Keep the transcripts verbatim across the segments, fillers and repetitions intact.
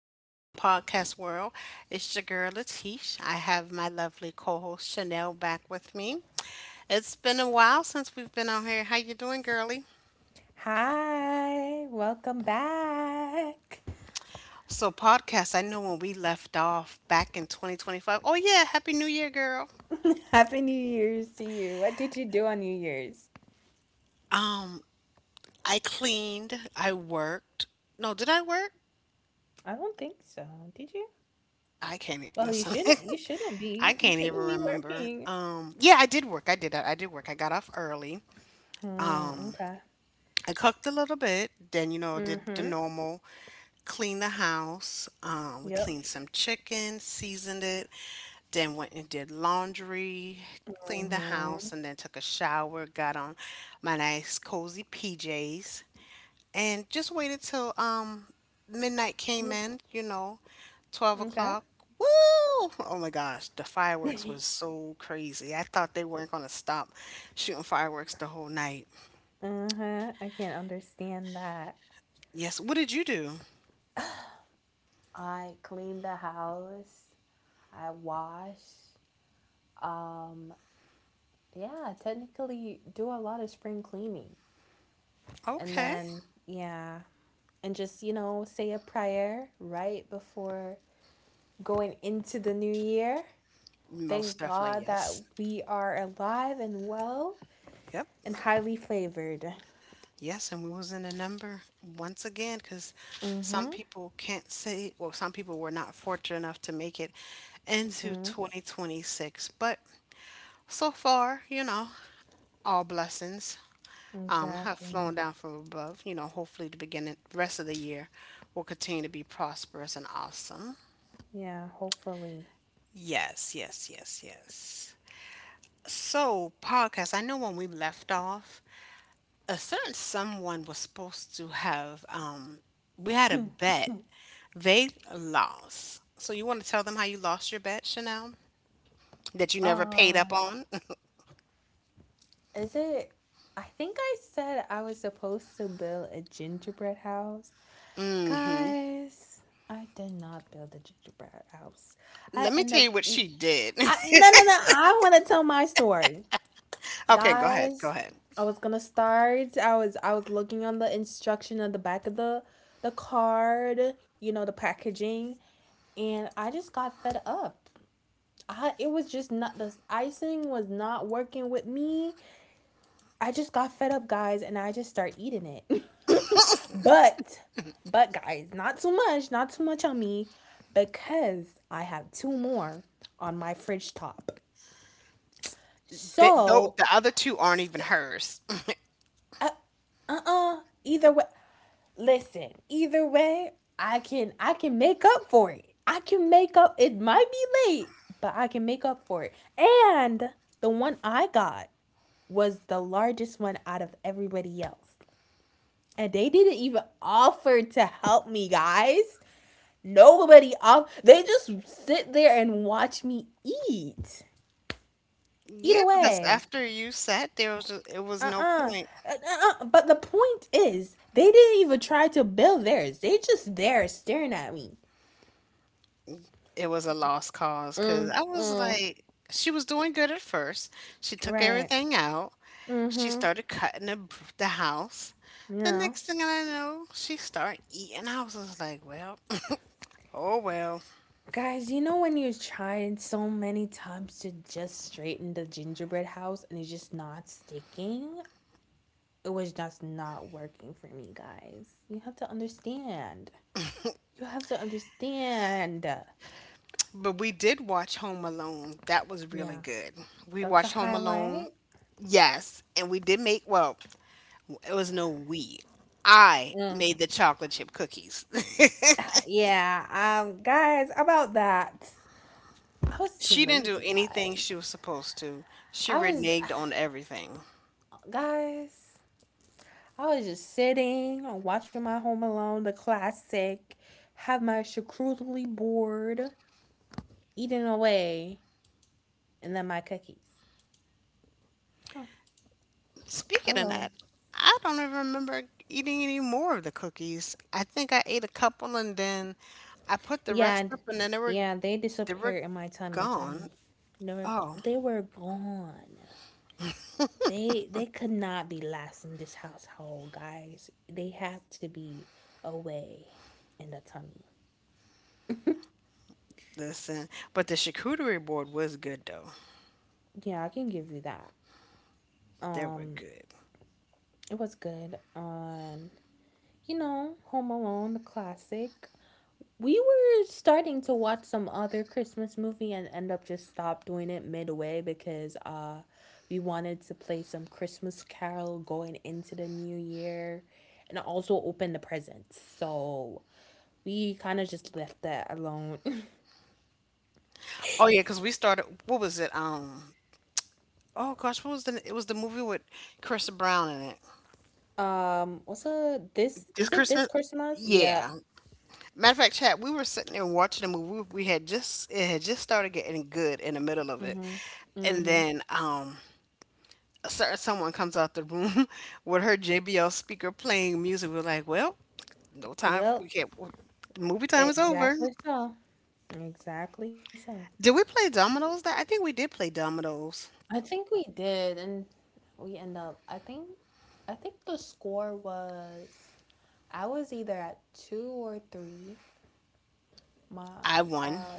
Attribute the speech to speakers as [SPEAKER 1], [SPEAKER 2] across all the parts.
[SPEAKER 1] world. Podcast world, it's your girl Latish. I have my lovely co-host Chanel back with me. It's been a while since we've been on here. How you doing, girly?
[SPEAKER 2] Hi, welcome back.
[SPEAKER 1] So podcast, I know when we left off back in twenty twenty-five. Oh yeah, happy new year, girl.
[SPEAKER 2] Happy New Year's to you. What did you do on New Year's?
[SPEAKER 1] I cleaned, I worked. No, did I work?
[SPEAKER 2] I don't think so. Did you?
[SPEAKER 1] I can't
[SPEAKER 2] Well,
[SPEAKER 1] even
[SPEAKER 2] you
[SPEAKER 1] listen.
[SPEAKER 2] shouldn't. You shouldn't be.
[SPEAKER 1] I
[SPEAKER 2] You
[SPEAKER 1] can't
[SPEAKER 2] shouldn't
[SPEAKER 1] even
[SPEAKER 2] be
[SPEAKER 1] remember.
[SPEAKER 2] working.
[SPEAKER 1] Um yeah, I did work. I did I, I did work. I got off early.
[SPEAKER 2] Hmm. Okay.
[SPEAKER 1] I cooked a little bit, then, you know, did
[SPEAKER 2] Mm-hmm.
[SPEAKER 1] the normal clean the house. Um, we
[SPEAKER 2] Yep.
[SPEAKER 1] cleaned some chicken, seasoned it, then went and did laundry, cleaned the
[SPEAKER 2] Mm-hmm.
[SPEAKER 1] house, and then took a shower, got on my nice cozy P Js, and just waited till um, midnight came in, you know, twelve
[SPEAKER 2] Okay.
[SPEAKER 1] o'clock. Woo! Oh my gosh, the fireworks was so crazy. I thought they weren't going to stop shooting fireworks the whole night.
[SPEAKER 2] Uh-huh. I can't understand that.
[SPEAKER 1] Yes, what did you do?
[SPEAKER 2] I cleaned the house. I wash. Um. Yeah. Technically, do a lot of spring cleaning, and
[SPEAKER 1] Okay.
[SPEAKER 2] then yeah. And just, you know, say a prayer right before going into the new year.
[SPEAKER 1] Most
[SPEAKER 2] Thank
[SPEAKER 1] definitely,
[SPEAKER 2] God that
[SPEAKER 1] yes.
[SPEAKER 2] we are alive and well
[SPEAKER 1] Yep.
[SPEAKER 2] and highly flavored.
[SPEAKER 1] Yes, and we was in a number once again because some
[SPEAKER 2] Mm-hmm.
[SPEAKER 1] people can't say, well, some people were not fortunate enough to make it into
[SPEAKER 2] Mm-hmm.
[SPEAKER 1] twenty twenty-six. But so far, you know, all blessings um, have flown
[SPEAKER 2] Exactly.
[SPEAKER 1] down from above. You know, hopefully the beginning, rest of the year will continue to be prosperous and awesome.
[SPEAKER 2] Yeah, hopefully.
[SPEAKER 1] Yes, yes, yes, yes. So, podcast, I know when we left off, a certain someone was supposed to have um we had a bet, they lost. So you want to tell them how you lost your bet, Chanel, that you
[SPEAKER 2] Um,
[SPEAKER 1] never paid up
[SPEAKER 2] uh,
[SPEAKER 1] on?
[SPEAKER 2] is it? I think I said I was supposed to build a gingerbread house. Guys, I did not build a gingerbread house. I
[SPEAKER 1] Let me
[SPEAKER 2] end
[SPEAKER 1] tell
[SPEAKER 2] up
[SPEAKER 1] you what she
[SPEAKER 2] eat
[SPEAKER 1] did.
[SPEAKER 2] I No, no no, I want to tell my story.
[SPEAKER 1] Okay, go ahead, go
[SPEAKER 2] Guys,
[SPEAKER 1] ahead.
[SPEAKER 2] I was gonna start. I was I was looking on the instruction on the back of the the card, you know, the packaging, and I just got fed up. I it was just not, the icing was not working with me. I just got fed up, guys, and I just start eating it. but but guys, not too much, not too much on me, because I have two more on my fridge top.
[SPEAKER 1] Th though
[SPEAKER 2] So,
[SPEAKER 1] the other two aren't even hers.
[SPEAKER 2] uh uh-uh, either way, listen, either way, I can I can make up for it. I can make up. It might be late, but I can make up for it. And the one I got was the largest one out of everybody else. And they didn't even offer to help me, guys. Nobody off. They just sit there and watch me eat.
[SPEAKER 1] Yeah,
[SPEAKER 2] Either
[SPEAKER 1] because
[SPEAKER 2] way.
[SPEAKER 1] after you sat there, it was just, it was no
[SPEAKER 2] Uh-uh.
[SPEAKER 1] point.
[SPEAKER 2] Uh-uh. But the point is, they didn't even try to build theirs. They just there staring at me.
[SPEAKER 1] It was a lost cause because
[SPEAKER 2] Mm,
[SPEAKER 1] I was
[SPEAKER 2] mm,
[SPEAKER 1] like, she was doing good at first, she took
[SPEAKER 2] right.
[SPEAKER 1] everything out. She
[SPEAKER 2] Mm-hmm.
[SPEAKER 1] started cutting the, br- the house. The
[SPEAKER 2] Yeah.
[SPEAKER 1] next thing I know, she started eating. I was just like, well, oh well.
[SPEAKER 2] Guys, you know when you've tried so many times to just straighten the gingerbread house and it's just not sticking? It was just not working for me, guys. You have to understand. You have to understand.
[SPEAKER 1] But we did watch Home Alone. That was really
[SPEAKER 2] Yeah,
[SPEAKER 1] good. We
[SPEAKER 2] that's the
[SPEAKER 1] watched Home Alone.
[SPEAKER 2] highlight.
[SPEAKER 1] Yes. And we did make, well, it was no we. I
[SPEAKER 2] Mm,
[SPEAKER 1] made the chocolate chip cookies.
[SPEAKER 2] yeah, um, guys, about that. I was too
[SPEAKER 1] She didn't do
[SPEAKER 2] lazy,
[SPEAKER 1] anything
[SPEAKER 2] guys.
[SPEAKER 1] she was supposed to. She
[SPEAKER 2] I was,
[SPEAKER 1] reneged on everything.
[SPEAKER 2] guys. I was just sitting, watching my Home Alone, the classic, have my charcuterie board, eating away, and then my cookies. Yeah.
[SPEAKER 1] Speaking of
[SPEAKER 2] Hello.
[SPEAKER 1] that, I don't even remember eating any more of the cookies. I think I ate a couple and then I put the rest
[SPEAKER 2] Yeah,
[SPEAKER 1] up and then they were
[SPEAKER 2] yeah, they
[SPEAKER 1] they were
[SPEAKER 2] disappeared in my tummy,
[SPEAKER 1] gone.
[SPEAKER 2] tummy. They were,
[SPEAKER 1] Oh,
[SPEAKER 2] they were gone. They they could not be last in this household, guys. They had to be away in the tummy.
[SPEAKER 1] listen. But the charcuterie board was good though.
[SPEAKER 2] Yeah, I can give you that.
[SPEAKER 1] They were
[SPEAKER 2] Um,
[SPEAKER 1] good.
[SPEAKER 2] it was good on, you know, Home Alone, the classic. We were starting to watch some other Christmas movie and end up just stop doing it midway, because uh we wanted to play some Christmas Carol going into the new year and also open the presents. So we kind of just left that alone.
[SPEAKER 1] Oh yeah, because we started. What was it? Um. Oh gosh, what was the? It was the movie with Chris Brown in it.
[SPEAKER 2] um also, this
[SPEAKER 1] This
[SPEAKER 2] is it, this
[SPEAKER 1] Christmas.
[SPEAKER 2] Christmas? Yeah.
[SPEAKER 1] Yeah. Matter of fact, chat. We were sitting there watching the movie. We had just it had just started getting good in the middle of it,
[SPEAKER 2] Mhm.
[SPEAKER 1] and
[SPEAKER 2] Mhm.
[SPEAKER 1] then um a certain someone comes out the room with her J B L speaker playing music. We're like, well, no time. We
[SPEAKER 2] Well,
[SPEAKER 1] can't. Movie time is over.
[SPEAKER 2] exactly so. Exactly so.
[SPEAKER 1] Did we play dominoes? That I think we did play dominoes.
[SPEAKER 2] I think we did, and we end up. I think, I think the score was, I was either at two or three. My
[SPEAKER 1] I won.
[SPEAKER 2] uh,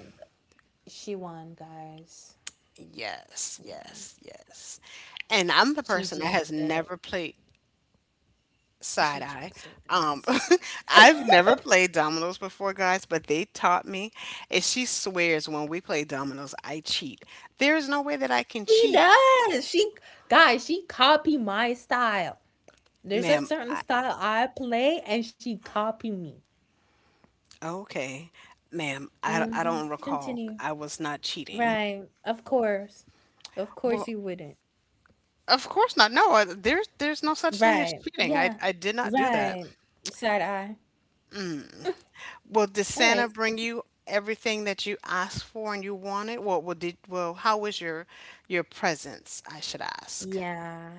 [SPEAKER 2] she won, guys.
[SPEAKER 1] Yes,
[SPEAKER 2] She won.
[SPEAKER 1] yes, yes. And I'm the
[SPEAKER 2] She
[SPEAKER 1] person that
[SPEAKER 2] jinxed
[SPEAKER 1] has
[SPEAKER 2] it.
[SPEAKER 1] never played, side
[SPEAKER 2] She
[SPEAKER 1] eye.
[SPEAKER 2] jinxed it,
[SPEAKER 1] Um,
[SPEAKER 2] guys.
[SPEAKER 1] I've never played dominoes before, guys, but they taught me. And she swears when we play dominoes, I cheat. There is no way that I can
[SPEAKER 2] She
[SPEAKER 1] cheat,
[SPEAKER 2] does. She guys. She copy my style. There's a
[SPEAKER 1] ma'am.
[SPEAKER 2] certain
[SPEAKER 1] I.
[SPEAKER 2] style I play, and she copy me.
[SPEAKER 1] Okay, ma'am, I, I
[SPEAKER 2] Hmm.
[SPEAKER 1] don't recall.
[SPEAKER 2] Continue.
[SPEAKER 1] I was not cheating.
[SPEAKER 2] Right. Of course. Of course
[SPEAKER 1] Well,
[SPEAKER 2] you wouldn't.
[SPEAKER 1] of course not. No, I, there's there's no such thing as
[SPEAKER 2] Right.
[SPEAKER 1] cheating. I,
[SPEAKER 2] Yeah.
[SPEAKER 1] I did not do that.
[SPEAKER 2] Right. Side eye.
[SPEAKER 1] Well, did Santa
[SPEAKER 2] Anyways,
[SPEAKER 1] bring you everything that you asked for and you wanted? Well, well, did well, how was your your presents? I should ask.
[SPEAKER 2] yeah,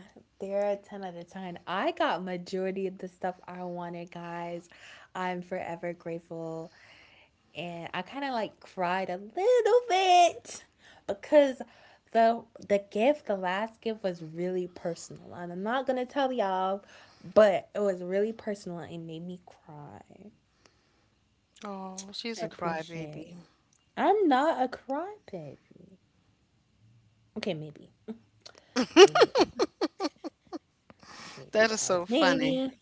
[SPEAKER 2] they're a ten out of ten. I got majority of the stuff I wanted, guys. I'm forever grateful. And I kind of like cried a little bit, because the the gift, the last gift was really personal. And I'm not gonna tell y'all, but it was really personal and it made me cry.
[SPEAKER 1] Oh, she's
[SPEAKER 2] I
[SPEAKER 1] a
[SPEAKER 2] appreciate.
[SPEAKER 1] crybaby.
[SPEAKER 2] I'm not a crybaby. Okay, maybe. Maybe. Maybe,
[SPEAKER 1] That is
[SPEAKER 2] guys.
[SPEAKER 1] so funny.
[SPEAKER 2] Maybe.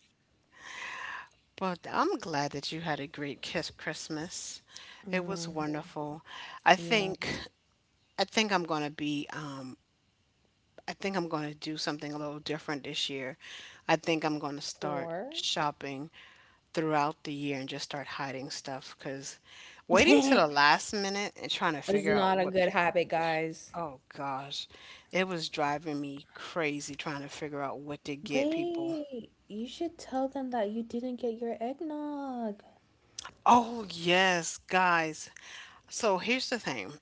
[SPEAKER 1] But I'm glad that you had a great kiss Christmas. It was
[SPEAKER 2] Mm,
[SPEAKER 1] wonderful. I
[SPEAKER 2] yeah.
[SPEAKER 1] think I think I'm gonna be um, I think I'm going to do something a little different this year. I think I'm going to start
[SPEAKER 2] Four.
[SPEAKER 1] shopping throughout the year and just start hiding stuff because
[SPEAKER 2] It's
[SPEAKER 1] waiting to the last minute and trying to figure out
[SPEAKER 2] not a
[SPEAKER 1] what
[SPEAKER 2] good
[SPEAKER 1] people.
[SPEAKER 2] habit, guys.
[SPEAKER 1] Oh gosh, it was driving me crazy trying to figure out what to get people.
[SPEAKER 2] Wait, you should tell them that you didn't get your eggnog.
[SPEAKER 1] Oh, yes, guys. So here's the thing.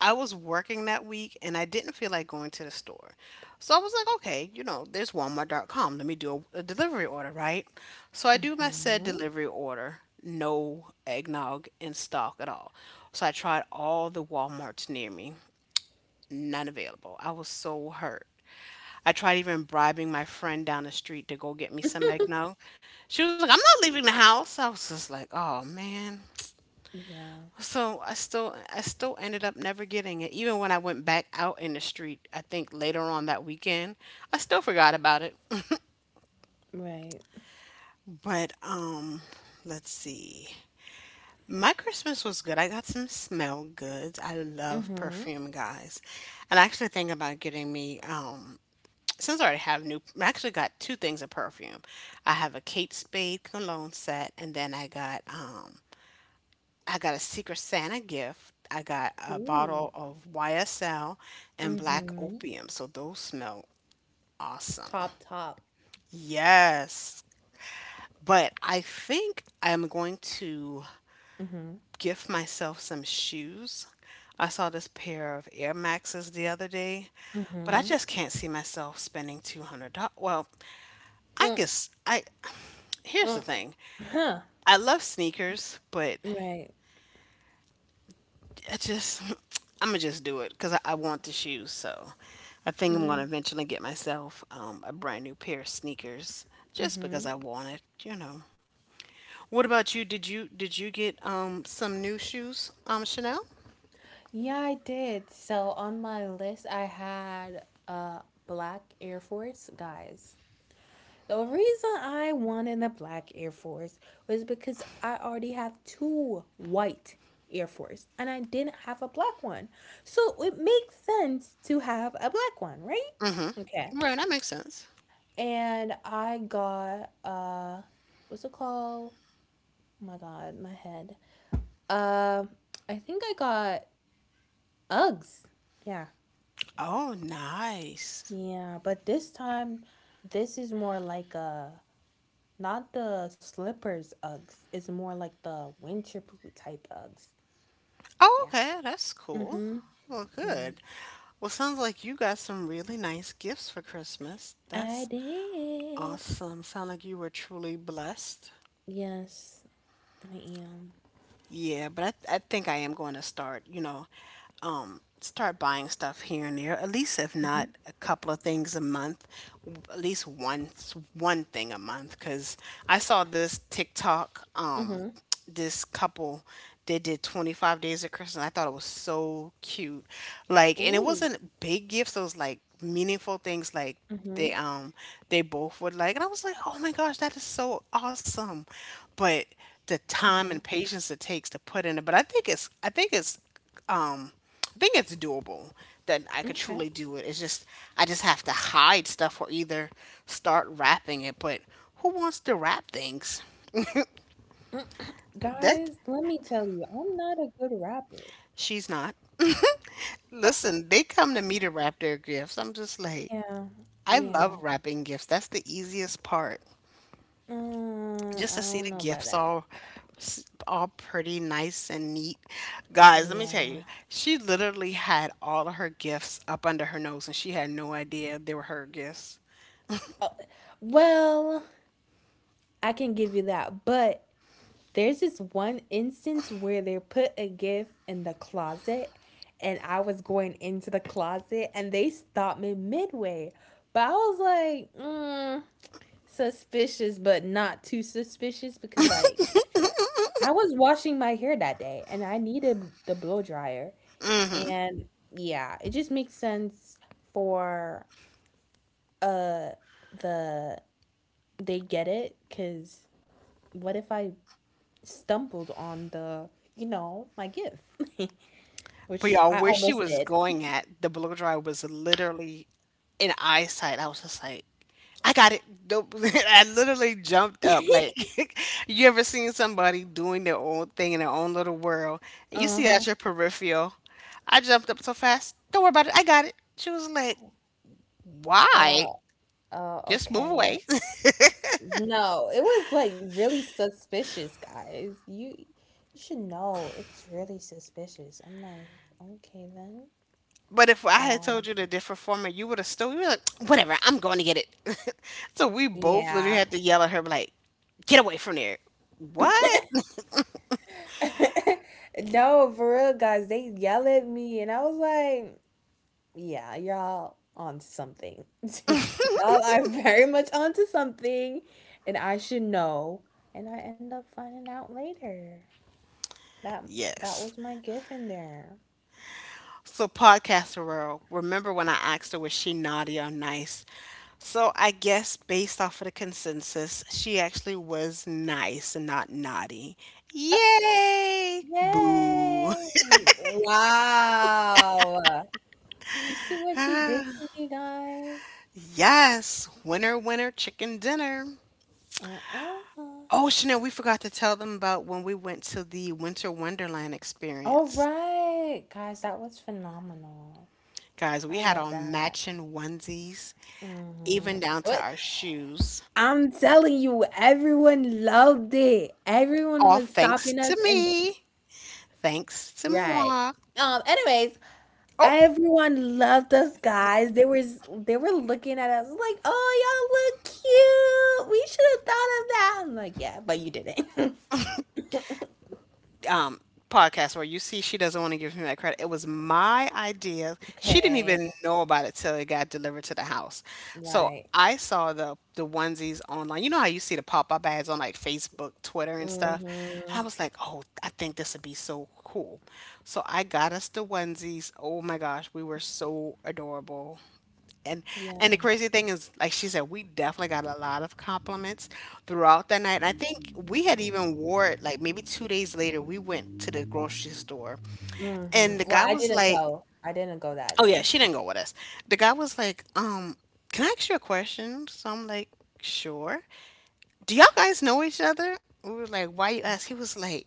[SPEAKER 1] I was working that week and I didn't feel like going to the store. So I was like, okay, you know, there's walmart dot com. Let me do a, a delivery order, right? So I do my said
[SPEAKER 2] Mm-hmm.
[SPEAKER 1] delivery order, no eggnog in stock at all. So I tried all the Walmarts near me, none available. I was so hurt. I tried even bribing my friend down the street to go get me some eggnog. She was like, I'm not leaving the house. I was just like, oh man.
[SPEAKER 2] Yeah,
[SPEAKER 1] So I still I still ended up never getting it. Even when I went back out in the street, I think later on that weekend, I still forgot about it.
[SPEAKER 2] right.
[SPEAKER 1] But um let's see. My Christmas was good. I got some smell goods. I love
[SPEAKER 2] Mm-hmm.
[SPEAKER 1] perfume, guys. And I actually think about getting me um since I already have new I actually got two things of perfume. I have a Kate Spade cologne set and then I got um I got a Secret Santa gift. I got a bottle
[SPEAKER 2] Ooh.
[SPEAKER 1] of Y S L and black
[SPEAKER 2] Mm-hmm.
[SPEAKER 1] opium. So those smell awesome.
[SPEAKER 2] Top, top.
[SPEAKER 1] Yes. But I think I'm going to
[SPEAKER 2] Mm-hmm.
[SPEAKER 1] gift myself some shoes. I saw this pair of Air Maxes the other day, but I
[SPEAKER 2] Mm-hmm.
[SPEAKER 1] just can't see myself spending two hundred dollars. Well, I
[SPEAKER 2] Mm,
[SPEAKER 1] guess I here's the
[SPEAKER 2] mm.
[SPEAKER 1] thing.
[SPEAKER 2] Huh.
[SPEAKER 1] I love sneakers, but
[SPEAKER 2] Right.
[SPEAKER 1] I just, I'm gonna just do it because I, I want the shoes. So I think I'm gonna
[SPEAKER 2] Yeah.
[SPEAKER 1] eventually get myself um, a brand new pair of sneakers just because
[SPEAKER 2] Mm-hmm.
[SPEAKER 1] I want it. You know. What about you? Did you did you get um some new shoes, um Chanel?
[SPEAKER 2] Yeah, I did. So on my list, I had uh Black Air Force, guys. The reason I wanted the Black Air Force was because I already have two white Air Force and I didn't have a black one. So it makes sense to have a black one, right? Okay.
[SPEAKER 1] Right, that makes sense.
[SPEAKER 2] And I got uh what's it called? Oh my god, my head. Uh I think I got Uggs. Yeah.
[SPEAKER 1] Oh, nice.
[SPEAKER 2] Yeah, but this time, this is more like a, not the slippers Uggs. It's more like the winter boot type Uggs.
[SPEAKER 1] Oh,
[SPEAKER 2] Yeah.
[SPEAKER 1] okay, that's cool.
[SPEAKER 2] Mm-hmm.
[SPEAKER 1] Well,
[SPEAKER 2] Yeah.
[SPEAKER 1] good. Well, sounds like you got some really nice gifts for Christmas.
[SPEAKER 2] I
[SPEAKER 1] That's
[SPEAKER 2] did.
[SPEAKER 1] awesome. Sound like you were truly blessed.
[SPEAKER 2] Yes, I am.
[SPEAKER 1] Yeah, but I, th- I think I am going to start, you know, um, start buying stuff here and there. At least if not
[SPEAKER 2] Mm-hmm.
[SPEAKER 1] a couple of things a month, w- at least once one thing a month. Because I saw this TikTok, um,
[SPEAKER 2] Mm-hmm.
[SPEAKER 1] this couple they did twenty-five days of Christmas. I thought it was so cute. Like, and it
[SPEAKER 2] Ooh.
[SPEAKER 1] wasn't big gifts. It was like meaningful things like
[SPEAKER 2] Mm-hmm.
[SPEAKER 1] they um they both would like. And I was like, oh my gosh, that is so awesome. But the time
[SPEAKER 2] Mm-hmm.
[SPEAKER 1] and patience it takes to put in it, but i think it's i think it's, um I think it's doable, that I could
[SPEAKER 2] Okay.
[SPEAKER 1] truly do it. It's just I just have to hide stuff or either start wrapping it. But who wants to wrap things that.
[SPEAKER 2] Guys, let me tell you, I'm not a good rapper.
[SPEAKER 1] She's not. Listen, they come to me to wrap their gifts. I'm just like,
[SPEAKER 2] Yeah.
[SPEAKER 1] I love
[SPEAKER 2] Yeah.
[SPEAKER 1] wrapping gifts, that's the easiest part,
[SPEAKER 2] Uh,
[SPEAKER 1] just
[SPEAKER 2] I
[SPEAKER 1] to see
[SPEAKER 2] don't
[SPEAKER 1] the
[SPEAKER 2] know about
[SPEAKER 1] gifts
[SPEAKER 2] that.
[SPEAKER 1] all s- all pretty nice and neat. Guys, let me tell you,
[SPEAKER 2] Yeah.
[SPEAKER 1] she literally had all of her gifts up under her nose and she had no idea they were her gifts.
[SPEAKER 2] Uh, well. I can give you that. But there's this one instance where they put a gift in the closet and I was going into the closet and they stopped me midway. But I was like, mm, suspicious, but not too suspicious, because, like, I was washing my hair that day and I needed the blow dryer. And yeah, it just makes sense for uh the they get it, because what if I stumbled on the, you know, my gift,
[SPEAKER 1] But
[SPEAKER 2] which
[SPEAKER 1] y'all,
[SPEAKER 2] I
[SPEAKER 1] where she
[SPEAKER 2] almost
[SPEAKER 1] was
[SPEAKER 2] did.
[SPEAKER 1] going at the blow dryer was literally in eyesight. I was just like, I got it. Nope. I literally jumped up. Like, you ever seen somebody doing their own thing in their own little world? And you see out
[SPEAKER 2] Uh-huh.
[SPEAKER 1] your peripheral. I jumped up so fast. Don't worry about it. I got it. She was like, why?
[SPEAKER 2] Uh, uh,
[SPEAKER 1] Just move away.
[SPEAKER 2] okay. No, it was like really suspicious, guys. You you should know it's really suspicious. I'm like, okay then.
[SPEAKER 1] But if I had
[SPEAKER 2] Um,
[SPEAKER 1] told you the different format, you would have still, you were like, whatever, I'm going to get it. So we both literally
[SPEAKER 2] yeah.
[SPEAKER 1] had to yell at her, like, get away from there. What?
[SPEAKER 2] No, for real, guys, they yell at me and I was like, yeah, y'all onto something. Y'all are very much onto something, and I should know. And I end up finding out later that that was
[SPEAKER 1] Yes.
[SPEAKER 2] my gift in there.
[SPEAKER 1] So, podcaster world, remember when I asked her, was she naughty or nice? So, I guess based off of the consensus, she actually was nice and not naughty.
[SPEAKER 2] Uh,
[SPEAKER 1] Yay! Boo.
[SPEAKER 2] yay! Wow! You see what she did to me, guys?
[SPEAKER 1] Yes. Winner, winner, chicken dinner.
[SPEAKER 2] Uh-uh.
[SPEAKER 1] Oh, Chanel, we forgot to tell them about when we went to the Winter Wonderland
[SPEAKER 2] All
[SPEAKER 1] experience.
[SPEAKER 2] right, guys, that was phenomenal.
[SPEAKER 1] Guys, we
[SPEAKER 2] I
[SPEAKER 1] had
[SPEAKER 2] love
[SPEAKER 1] on
[SPEAKER 2] that.
[SPEAKER 1] matching onesies,
[SPEAKER 2] Mm-hmm.
[SPEAKER 1] even down to
[SPEAKER 2] What
[SPEAKER 1] our shoes.
[SPEAKER 2] I'm telling you, everyone loved it. Everyone
[SPEAKER 1] All
[SPEAKER 2] was
[SPEAKER 1] thanks
[SPEAKER 2] stopping
[SPEAKER 1] to
[SPEAKER 2] us and
[SPEAKER 1] me. Thanks to
[SPEAKER 2] right.
[SPEAKER 1] moi.
[SPEAKER 2] Um, anyways,
[SPEAKER 1] Oh,
[SPEAKER 2] everyone loved us, guys. They were they were looking at us like, oh y'all look cute, we should have thought of that. I'm like, yeah, but you didn't.
[SPEAKER 1] um, podcast where you see she doesn't want to give me that credit. It was my idea. She didn't even
[SPEAKER 2] Okay.
[SPEAKER 1] know about it till it got delivered to the house. So
[SPEAKER 2] Right.
[SPEAKER 1] I saw the the onesies online. You know how you see the pop up ads on like Facebook, Twitter, and stuff.
[SPEAKER 2] Mm-hmm.
[SPEAKER 1] I was like, oh, I think this would be so cool. So I got us the onesies. Oh my gosh, we were so adorable. And
[SPEAKER 2] Yeah.
[SPEAKER 1] and the crazy thing is, like she said, we definitely got a lot of compliments throughout that night. And I think we had even wore it like maybe two days later. We went to the grocery store, and the
[SPEAKER 2] Mm-hmm.
[SPEAKER 1] guy
[SPEAKER 2] Well, I
[SPEAKER 1] was
[SPEAKER 2] didn't
[SPEAKER 1] like,
[SPEAKER 2] go. I didn't go that
[SPEAKER 1] "Oh yeah,
[SPEAKER 2] day.
[SPEAKER 1] she didn't go with us." The guy was like, "Um, can I ask you a question?" So I'm like, "Sure." Do y'all guys know each other? We were like, "Why you ask?" He was like,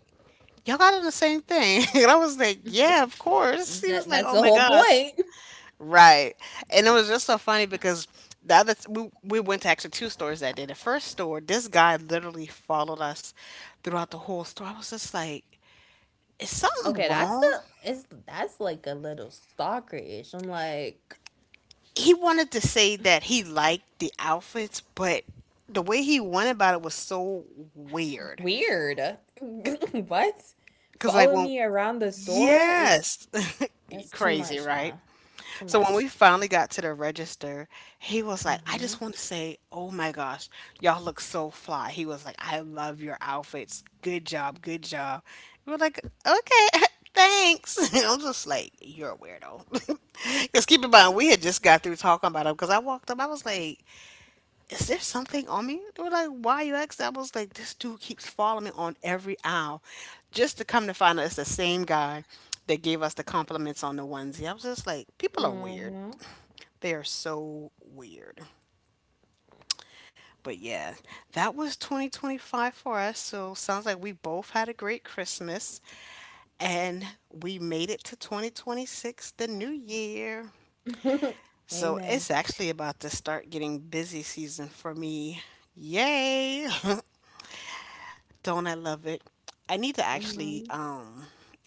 [SPEAKER 1] "Y'all got on the same thing," and I was like, "Yeah, of course." He was
[SPEAKER 2] That,
[SPEAKER 1] like,
[SPEAKER 2] that's
[SPEAKER 1] "Oh
[SPEAKER 2] the
[SPEAKER 1] my
[SPEAKER 2] whole
[SPEAKER 1] gosh."
[SPEAKER 2] point.
[SPEAKER 1] Right. And it was just so funny because the other th- we we went to actually two stores that day. The first store, this guy literally followed us throughout the whole store. I was just like, is something
[SPEAKER 2] Okay, that's
[SPEAKER 1] wrong?
[SPEAKER 2] the, it's, that's like a little stalker ish. I'm like,
[SPEAKER 1] He wanted to say that he liked the outfits, but the way he went about it was so weird.
[SPEAKER 2] weird. What?
[SPEAKER 1] Cause like
[SPEAKER 2] Follow
[SPEAKER 1] well,
[SPEAKER 2] me around the store is,
[SPEAKER 1] yes,
[SPEAKER 2] that's too
[SPEAKER 1] crazy,
[SPEAKER 2] much, huh?
[SPEAKER 1] right?
[SPEAKER 2] Too
[SPEAKER 1] So when we
[SPEAKER 2] much.
[SPEAKER 1] finally got to the register, he was like, I just
[SPEAKER 2] Mhm.
[SPEAKER 1] want to say, oh my gosh, y'all look so fly. He was like, I love your outfits. Good job, good job. We're like, okay, thanks. I'm just like, you're a weirdo. Because keep in mind, we had just got through talking about him because I walked up, I was like, is there something on me? They were like, why you ask? I was like, this dude keeps following me on every aisle. Just to come to find out it's the same guy that gave us the compliments on the onesie. I was just like, people are weird.
[SPEAKER 2] Mhm.
[SPEAKER 1] They are so weird. But yeah, that was twenty twenty-five for us. So sounds like we both had a great Christmas and we made it to twenty twenty-six, the new year. So it's
[SPEAKER 2] Amen.
[SPEAKER 1] actually about to start getting busy season for me. Yay! Don't I love it? I need to actually
[SPEAKER 2] Mhm.
[SPEAKER 1] um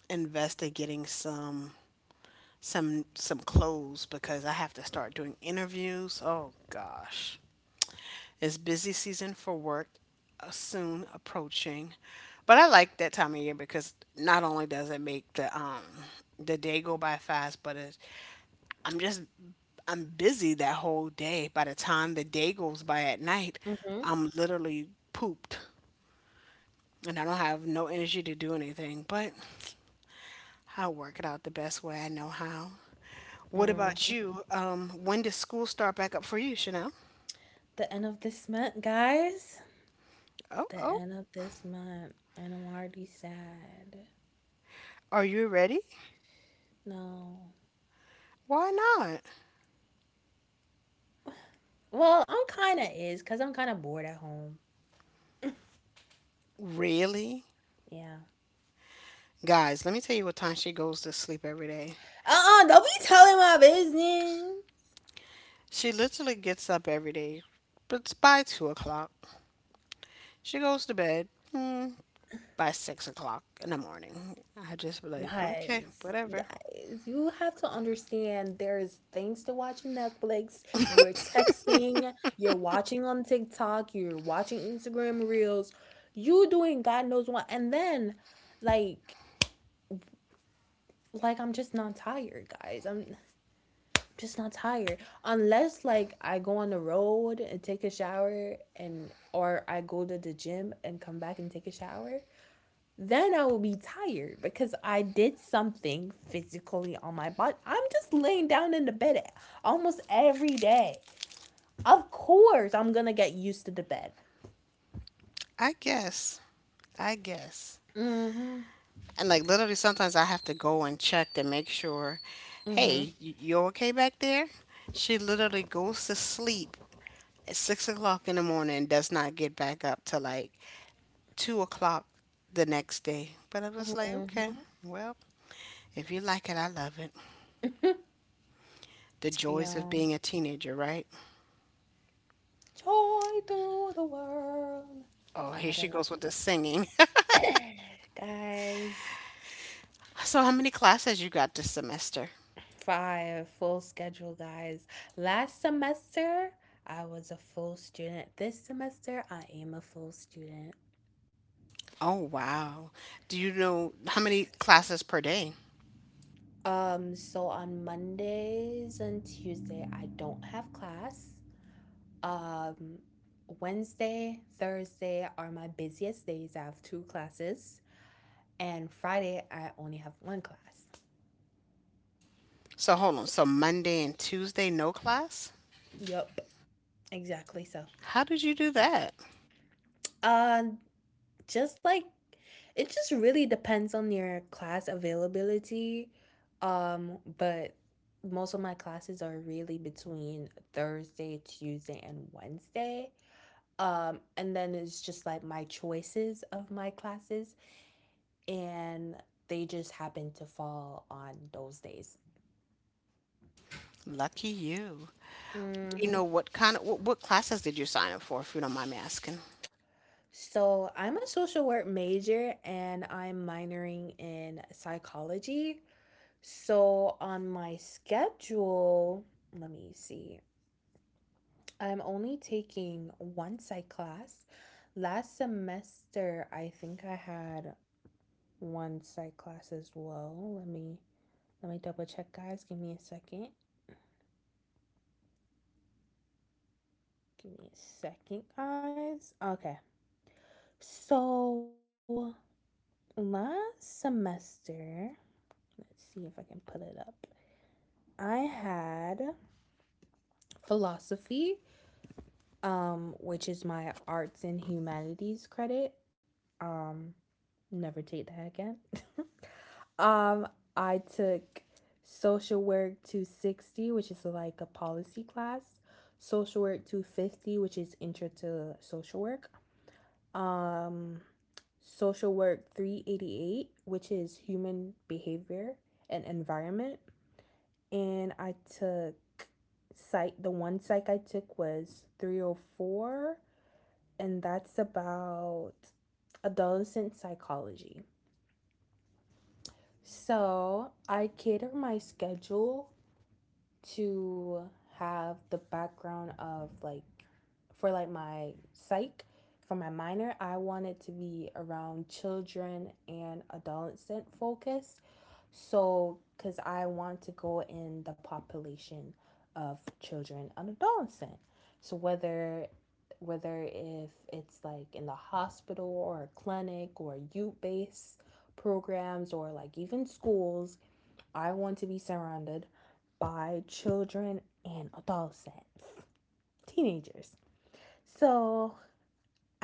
[SPEAKER 1] invest in getting some some some clothes because I have to start doing interviews. Oh gosh. It's busy season for work uh, soon approaching. But I like that time of year because not only does it make the um the day go by fast, but it I'm just I'm busy that whole day. By the time the day goes by at night,
[SPEAKER 2] Mhm.
[SPEAKER 1] I'm literally pooped and I don't have no energy to do anything. But I'll work it out the best way I know how. What about
[SPEAKER 2] Mhm.
[SPEAKER 1] you? Um, when does school start back up for you, Chanel?
[SPEAKER 2] The end of this month, guys.
[SPEAKER 1] Oh,
[SPEAKER 2] The
[SPEAKER 1] oh,
[SPEAKER 2] end of this month, and I'm already sad.
[SPEAKER 1] are you ready?
[SPEAKER 2] No.
[SPEAKER 1] Why not?
[SPEAKER 2] Well, I'm kind of is, because I'm kind of bored at home.
[SPEAKER 1] Really?
[SPEAKER 2] Yeah.
[SPEAKER 1] Guys, let me tell you what time she goes to sleep every day.
[SPEAKER 2] Uh-uh, don't be telling my business.
[SPEAKER 1] She literally gets up every day, but it's by two o'clock. She goes to bed mm, by six o'clock in the morning. I just be like, okay,
[SPEAKER 2] Guys,
[SPEAKER 1] whatever.
[SPEAKER 2] guys, you have to understand there's things to watch on Netflix. You're texting, you're watching on TikTok, you're watching Instagram Reels, you doing God knows what. And then, like, like I'm just not tired, guys. I'm just not tired. Unless like I go on the road and take a shower, and or I go to the gym and come back and take a shower, then I will be tired because I did something physically on my body. I'm just laying down in the bed almost every day. Of course, I'm gonna get used to the bed.
[SPEAKER 1] I guess. I guess.
[SPEAKER 2] Mm-hmm.
[SPEAKER 1] And like literally, sometimes I have to go and check to make sure.
[SPEAKER 2] Mm-hmm.
[SPEAKER 1] Hey, y- you okay back there? She literally goes to sleep at six o'clock in the morning, and does not get back up till like two o'clock the next day. But I was like, okay,
[SPEAKER 2] Mm-hmm.
[SPEAKER 1] well, if you like it, I love it. The joys of
[SPEAKER 2] Yeah.
[SPEAKER 1] being a teenager, right?
[SPEAKER 2] Joy through the world.
[SPEAKER 1] Oh,
[SPEAKER 2] I
[SPEAKER 1] here
[SPEAKER 2] don't
[SPEAKER 1] she
[SPEAKER 2] know.
[SPEAKER 1] goes with the singing.
[SPEAKER 2] Guys,
[SPEAKER 1] So, how many classes you got this semester?
[SPEAKER 2] five full schedule, guys. Last semester, I was a full student. This semester, I am a full student.
[SPEAKER 1] Oh, wow. Do you know how many classes per day?
[SPEAKER 2] Um, so on Mondays and Tuesday, I don't have class. Um, Wednesday, Thursday are my busiest days. I have two classes, and Friday, I only have one class.
[SPEAKER 1] So, hold on. So, Monday and Tuesday, no class?
[SPEAKER 2] Yep, exactly so.
[SPEAKER 1] How did you do that?
[SPEAKER 2] Uh, just like, it just really depends on your class availability. Um, but most of my classes are really between Thursday, Tuesday, and Wednesday. Um, and then it's just like my choices of my classes, and they just happen to fall on those days.
[SPEAKER 1] Lucky you. Do you
[SPEAKER 2] Mm-hmm.
[SPEAKER 1] know what kind of what, what classes did you sign up for, if you don't mind me asking?
[SPEAKER 2] So I'm a social work major and I'm minoring in psychology. So on my schedule, let me see, I'm only taking one psych class. Last semester, I think I had one psych class as well. Let me Let me double check, guys. Give me a second. Give me a second, guys. Okay. So last semester, let's see if I can put it up. I had philosophy, um, which is my arts and humanities credit. Um, never take that again. Um, I took social work two sixty, which is like a policy class, social work two fifty, which is intro to social work, um, Social Work three eighty-eight, which is Human Behavior and Environment. And I took psych, the one psych I took was three oh four, and that's about adolescent psychology. So I cater my schedule to have the background of like, for like my psych, for my minor, I wanted to be around children and adolescent focused. So because I want to go in the population of children and adolescent, so whether whether if it's like in the hospital or a clinic or youth based programs or like even schools, I want to be surrounded by children and adolescents, teenagers. So,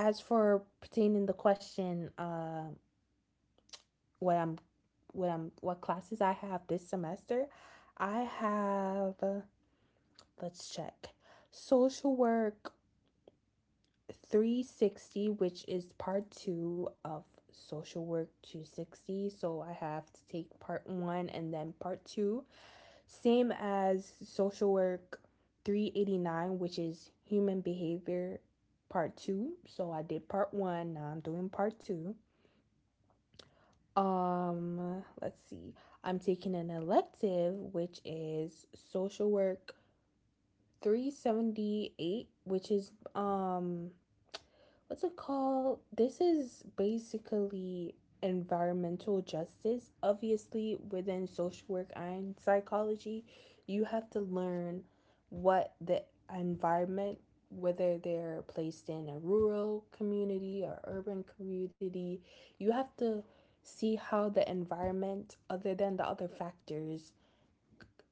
[SPEAKER 2] as for pertaining the question, uh, what I'm, what I'm, what classes I have this semester, I have. Uh, Let's check. Social work three sixty, which is part two of social work two sixty. So I have to take part one and then part two. Same as Social Work three eighty-nine, which is Human Behavior Part two. So I did Part one, now I'm doing Part two. Um, let's see. I'm taking an elective, which is Social Work three seventy-eight, which is um what's it called? This is basically environmental justice. Obviously, within social work and psychology, you have to learn what the environment, whether they're placed in a rural community or urban community, you have to see how the environment, other than the other factors,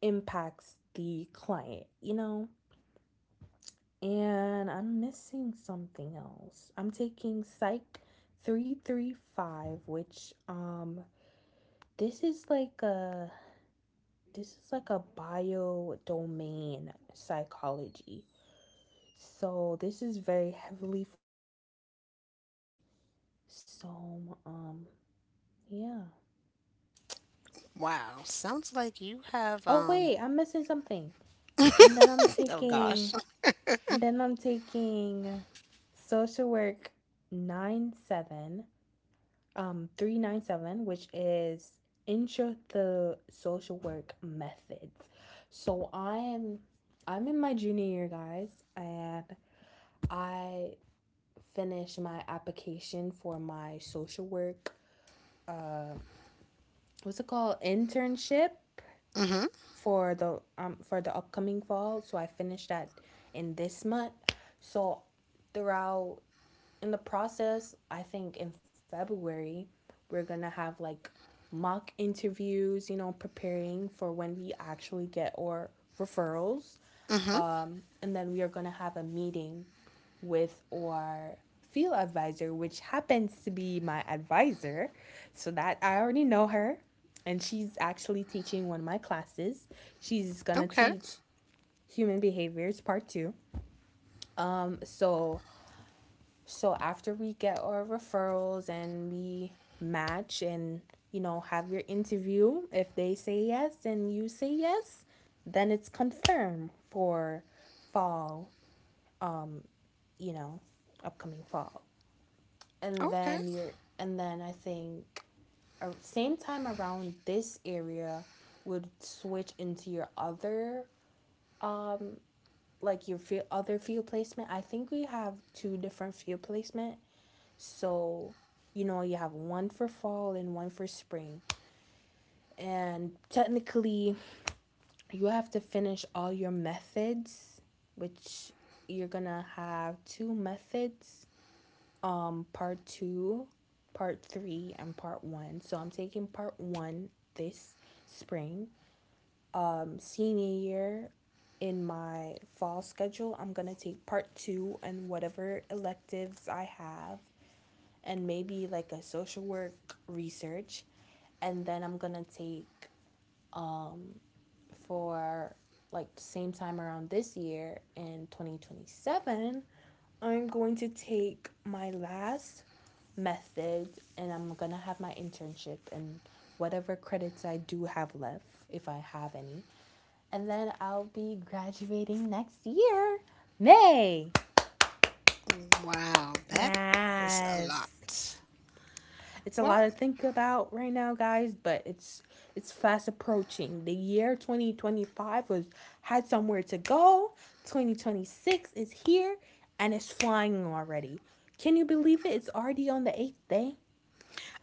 [SPEAKER 2] impacts the client, you know? And I'm missing something else. I'm taking Psych three thirty-five, which um this is like a this is like a bio domain psychology. So this is very heavily, so um yeah.
[SPEAKER 1] Wow, sounds like you have
[SPEAKER 2] Oh
[SPEAKER 1] um
[SPEAKER 2] wait, I'm missing something. And then I'm
[SPEAKER 1] oh gosh.
[SPEAKER 2] taking and then I'm taking social work nine seven, um three ninety-seven, which is intro the social work methods. So i'm i'm in my junior year, guys, and I finished my application for my social work, uh what's it called, internship for the um for the upcoming fall. So I finished that in this month. So throughout in the process, I think in February, we're going to have like mock interviews, you know, preparing for when we actually get our referrals.
[SPEAKER 1] Mm-hmm.
[SPEAKER 2] And then we are going to have a meeting with our field advisor, which happens to be my advisor. So that I already know her. And she's actually teaching one of my classes. She's going to
[SPEAKER 1] Okay.
[SPEAKER 2] teach human behaviors part two. So So after we get our referrals and we match and, you know, have your interview, if they say yes and you say yes, then it's confirmed for fall, you know, upcoming fall. And
[SPEAKER 1] Okay.
[SPEAKER 2] then you're and then I think ar- same time around this area would switch into your other, um like your field, other field placement. I think we have two different field placement. So, you know, you have one for fall and one for spring. And technically, you have to finish all your methods, which you're gonna have two methods, um, part two, part three, and part one. So I'm taking part one this spring. Um, senior year, in my fall schedule, I'm gonna take part two and whatever electives I have, and maybe like a social work research. And then I'm going to take, for like the same time around this year in twenty twenty-seven, I'm going to take my last method, and I'm going to have my internship and whatever credits I do have left, if I have any. And then I'll be graduating next year, May.
[SPEAKER 1] Wow, that is a
[SPEAKER 2] Yes.
[SPEAKER 1] lot.
[SPEAKER 2] It's a lot
[SPEAKER 1] Well,
[SPEAKER 2] to think about right now, guys, but it's it's fast approaching. The year twenty twenty-five was, had somewhere to go. twenty twenty-six is here and it's flying already. Can you believe it? It's already on the eighth day.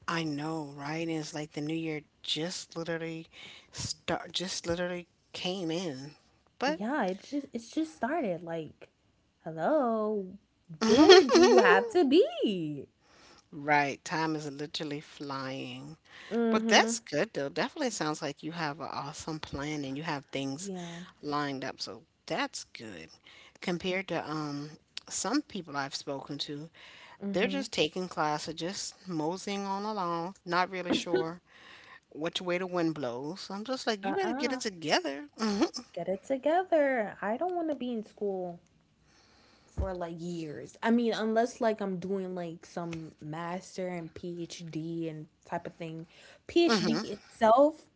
[SPEAKER 1] I know, right? And it's like the new year just literally start just literally came in. But
[SPEAKER 2] Yeah, it's just it's just started. Like, hello, where do you have to be?
[SPEAKER 1] right, time is literally flying. But
[SPEAKER 2] Mhm.
[SPEAKER 1] that's good though. Definitely sounds like you have an awesome plan and you have things
[SPEAKER 2] Yeah.
[SPEAKER 1] lined up. So that's good. Compared to um some people I've spoken to. They're
[SPEAKER 2] Mhm.
[SPEAKER 1] just taking classes, just moseying on along, not really sure which way the wind blows. I'm just like, you better get
[SPEAKER 2] Uh-uh.
[SPEAKER 1] it together. Hmm.
[SPEAKER 2] Get it together. I don't want to be in school for like years. I mean, unless like I'm doing like some master and PhD and type of thing.
[SPEAKER 1] Hmm.
[SPEAKER 2] PhD itself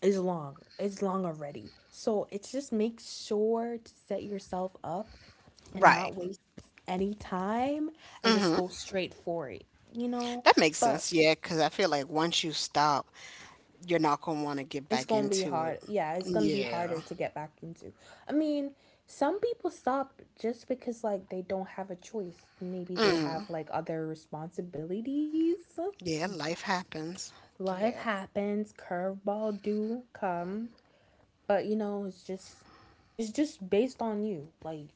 [SPEAKER 2] is long. It's long already. So it's just make sure to set yourself up and not
[SPEAKER 1] Right.
[SPEAKER 2] waste any time and just
[SPEAKER 1] Hmm.
[SPEAKER 2] go straight for it, you know?
[SPEAKER 1] That makes
[SPEAKER 2] But
[SPEAKER 1] sense. Yeah, because I feel like once you stop, you're not going to want to get
[SPEAKER 2] it's
[SPEAKER 1] back
[SPEAKER 2] gonna be
[SPEAKER 1] into it.
[SPEAKER 2] hard. Yeah, it's gonna be
[SPEAKER 1] Yeah.
[SPEAKER 2] harder to get back into. I mean, some people stop just because like they don't have a choice. Maybe they have like other responsibilities.
[SPEAKER 1] Yeah, life happens.
[SPEAKER 2] Life
[SPEAKER 1] Yeah.
[SPEAKER 2] happens, curveball do come. But you know, it's just it's just based on you. Like,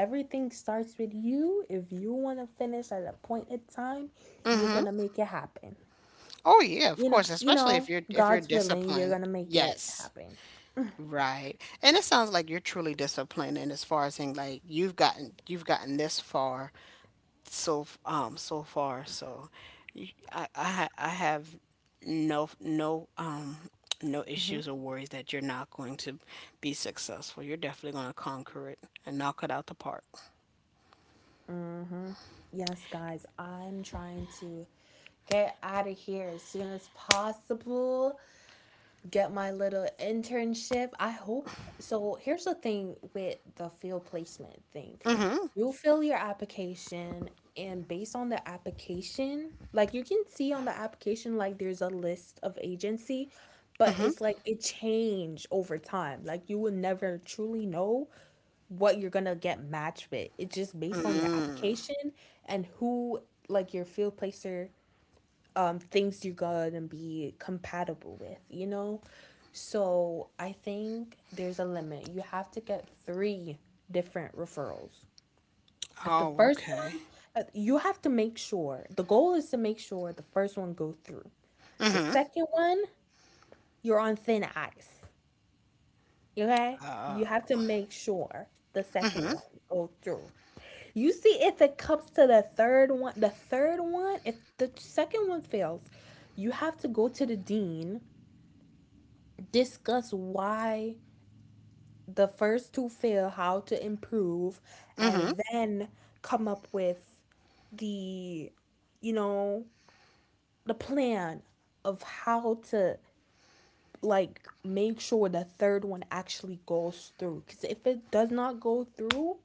[SPEAKER 2] everything starts with you. If you wanna finish at a point in time, you're gonna make it happen.
[SPEAKER 1] Oh yeah, of
[SPEAKER 2] You
[SPEAKER 1] course,
[SPEAKER 2] know, you
[SPEAKER 1] especially if
[SPEAKER 2] know,
[SPEAKER 1] you're if you're
[SPEAKER 2] God's willing, you're
[SPEAKER 1] disciplined.
[SPEAKER 2] gonna make it
[SPEAKER 1] Yes.
[SPEAKER 2] happen.
[SPEAKER 1] Right. And it sounds like you're truly disciplined and as far as in like you've gotten you've gotten this far so f- um so far. So y- I I, ha- I have no no um no
[SPEAKER 2] Mhm.
[SPEAKER 1] issues or worries that you're not going to be successful. You're definitely going to conquer it and knock it out the park.
[SPEAKER 2] Mm-hmm. Yes, guys, I'm trying to get out of here as soon as possible, get my little internship, I hope. So here's the thing with the field placement thing. You fill your application, and based on the application, like you can see on the application like there's a list of agency, but it's like it change over time. Like, you will never truly know what you're gonna get matched with. It's just based on your
[SPEAKER 1] Mm.
[SPEAKER 2] application and who, like your field placer, um things you're gonna be compatible with, you know? So I think there's a limit. You have to get three different referrals. If the
[SPEAKER 1] Oh,
[SPEAKER 2] first
[SPEAKER 1] okay.
[SPEAKER 2] one, uh, you have to make sure the goal is to make sure the first one goes through. The
[SPEAKER 1] Mhm.
[SPEAKER 2] second one, you're on thin ice. Okay?
[SPEAKER 1] Uh,
[SPEAKER 2] You have to make sure the
[SPEAKER 1] mhm.
[SPEAKER 2] second one goes through. You see, if it comes to the third one, the third one, if the second one fails, you have to go to the dean, discuss why the first two fail, how to improve,
[SPEAKER 1] Mhm.
[SPEAKER 2] and then come up with the, you know, the plan of how to like make sure the third one actually goes through. Because if it does not go through,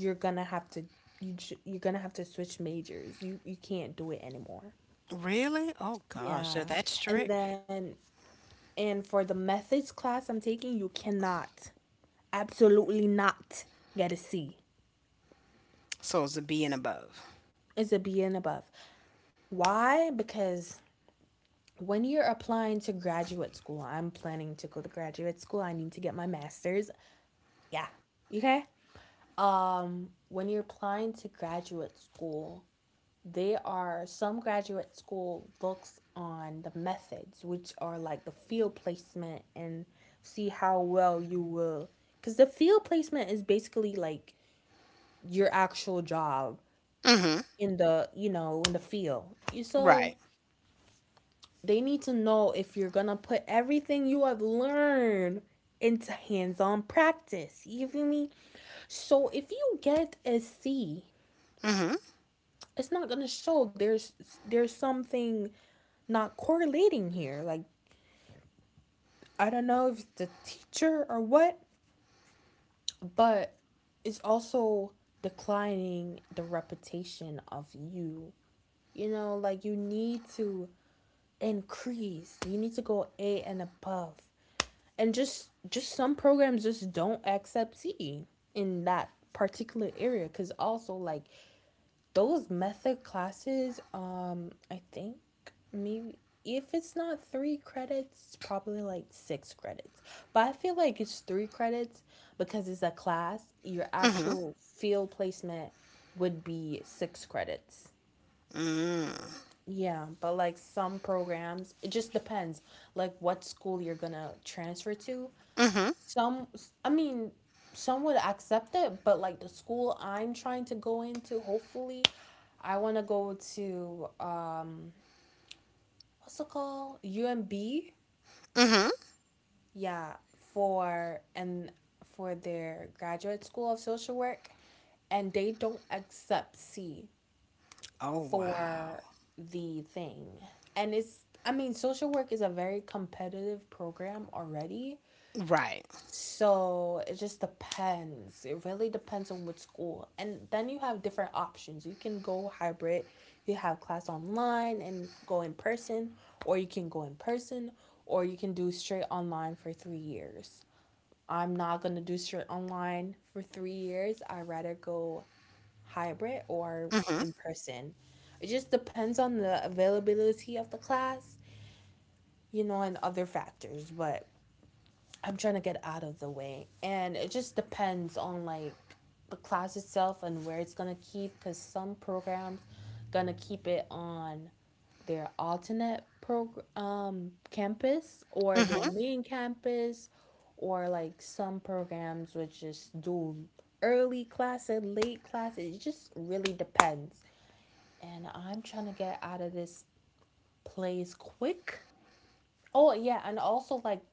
[SPEAKER 2] you're gonna have to, you j- you're gonna have to switch majors. You you can't do it anymore.
[SPEAKER 1] Really? Oh gosh, they're
[SPEAKER 2] Yeah.
[SPEAKER 1] that
[SPEAKER 2] And
[SPEAKER 1] strict.
[SPEAKER 2] then, and for the methods class I'm taking, you cannot, absolutely not, get a C.
[SPEAKER 1] So it's a B and above.
[SPEAKER 2] It's a B and above. Why? Because when you're applying to graduate school, I'm planning to go to graduate school. I need to get my master's. Yeah. Okay. Um, when you're applying to graduate school, they are some graduate school looks on the methods, which are like the field placement, and see how well you will. Because the field placement is basically like your actual job
[SPEAKER 1] Mhm.
[SPEAKER 2] in the, you know, in the field. You- so
[SPEAKER 1] Right.
[SPEAKER 2] they need to know if you're gonna put everything you have learned into hands-on practice, you feel me? So if you get a C,
[SPEAKER 1] Mhm.
[SPEAKER 2] it's not gonna show. There's there's something not correlating here. Like, I don't know if it's the teacher or what, but it's also declining the reputation of you, you know? Like, you need to increase. You need to go A and above. And just just some programs just don't accept C in that particular area, cuz also like those method classes, um I think maybe, if it's not three credits, it's probably like six credits. But I feel like it's three credits because it's a class. Your
[SPEAKER 1] Mhm.
[SPEAKER 2] actual field placement would be six credits.
[SPEAKER 1] Mm.
[SPEAKER 2] Yeah, but like some programs, it just depends like what school you're gonna transfer to.
[SPEAKER 1] Mhm.
[SPEAKER 2] Some, I mean, some would accept it, but like the school I'm trying to go into, hopefully, I want to go to, um what's it called, U M B?
[SPEAKER 1] Mhm.
[SPEAKER 2] Yeah, for and for their graduate school of social work, and they don't accept C
[SPEAKER 1] Oh
[SPEAKER 2] for
[SPEAKER 1] wow.
[SPEAKER 2] the thing. And it's, I mean, social work is a very competitive program already.
[SPEAKER 1] Right.
[SPEAKER 2] So it just depends. It really depends on what school. And then you have different options. You can go hybrid, you have class online and go in person, or you can go in person, or you can do straight online for three years. I'm not gonna do straight online for three years. I'd rather go hybrid or
[SPEAKER 1] Mhm.
[SPEAKER 2] in person. It just depends on the availability of the class, you know, and other factors, but I'm trying to get out of the way. And it just depends on like the class itself and where it's going to keep, cuz some programs going to keep it on their alternate program, um campus, or their main campus, or like some programs which just do early class and late class. It just really depends, and I'm trying to get out of this place quick. Oh, yeah, and also like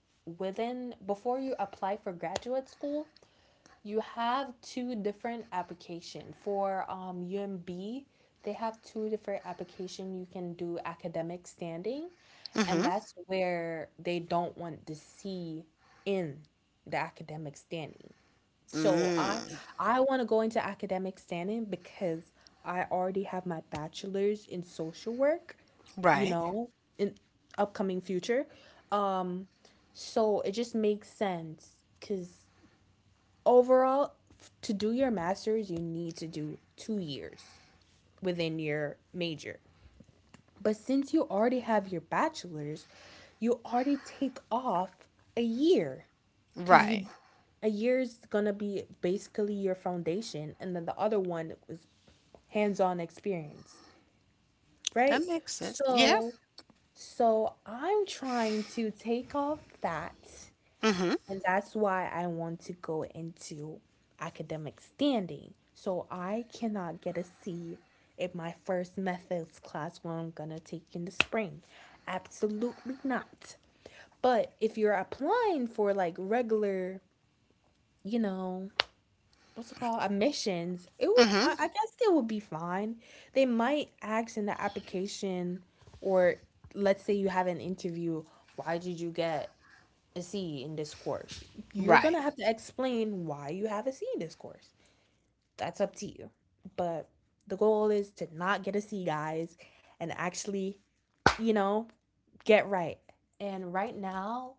[SPEAKER 2] within, before you apply for graduate school, you have two different application for um U M B. They have two different application. You can do academic standing, and
[SPEAKER 1] Mhm.
[SPEAKER 2] that's where they don't want to see in the academic standing. So I
[SPEAKER 1] Mm,
[SPEAKER 2] I want to go into academic standing because I already have my bachelor's in social work, you
[SPEAKER 1] right,
[SPEAKER 2] know, in upcoming future. Um, so it just makes sense because overall, f- to do your master's, you need to do two years within your major. But since you already have your bachelor's, you already take off a year, because
[SPEAKER 1] right.
[SPEAKER 2] you a year is gonna be basically your foundation, and then the other one was hands-on experience,
[SPEAKER 1] That
[SPEAKER 2] right.
[SPEAKER 1] makes sense. Yeah.
[SPEAKER 2] So so I'm trying to take off that,
[SPEAKER 1] Mm-hmm.
[SPEAKER 2] and that's why I want to go into academic standing, so I cannot get a C in my first methods class when I'm gonna take in the spring. Absolutely not. But if you're applying for like regular, you know what's it called, admissions, it would I,
[SPEAKER 1] Mm-hmm.
[SPEAKER 2] I guess they would be fine. They might ask in the application, or let's say you have an interview, why did you get a C in this course? You're
[SPEAKER 1] Right.
[SPEAKER 2] gonna have to explain why you have a C in this course. That's up to you. But the goal is to not get a C, guys, and actually, you know get right. And right now,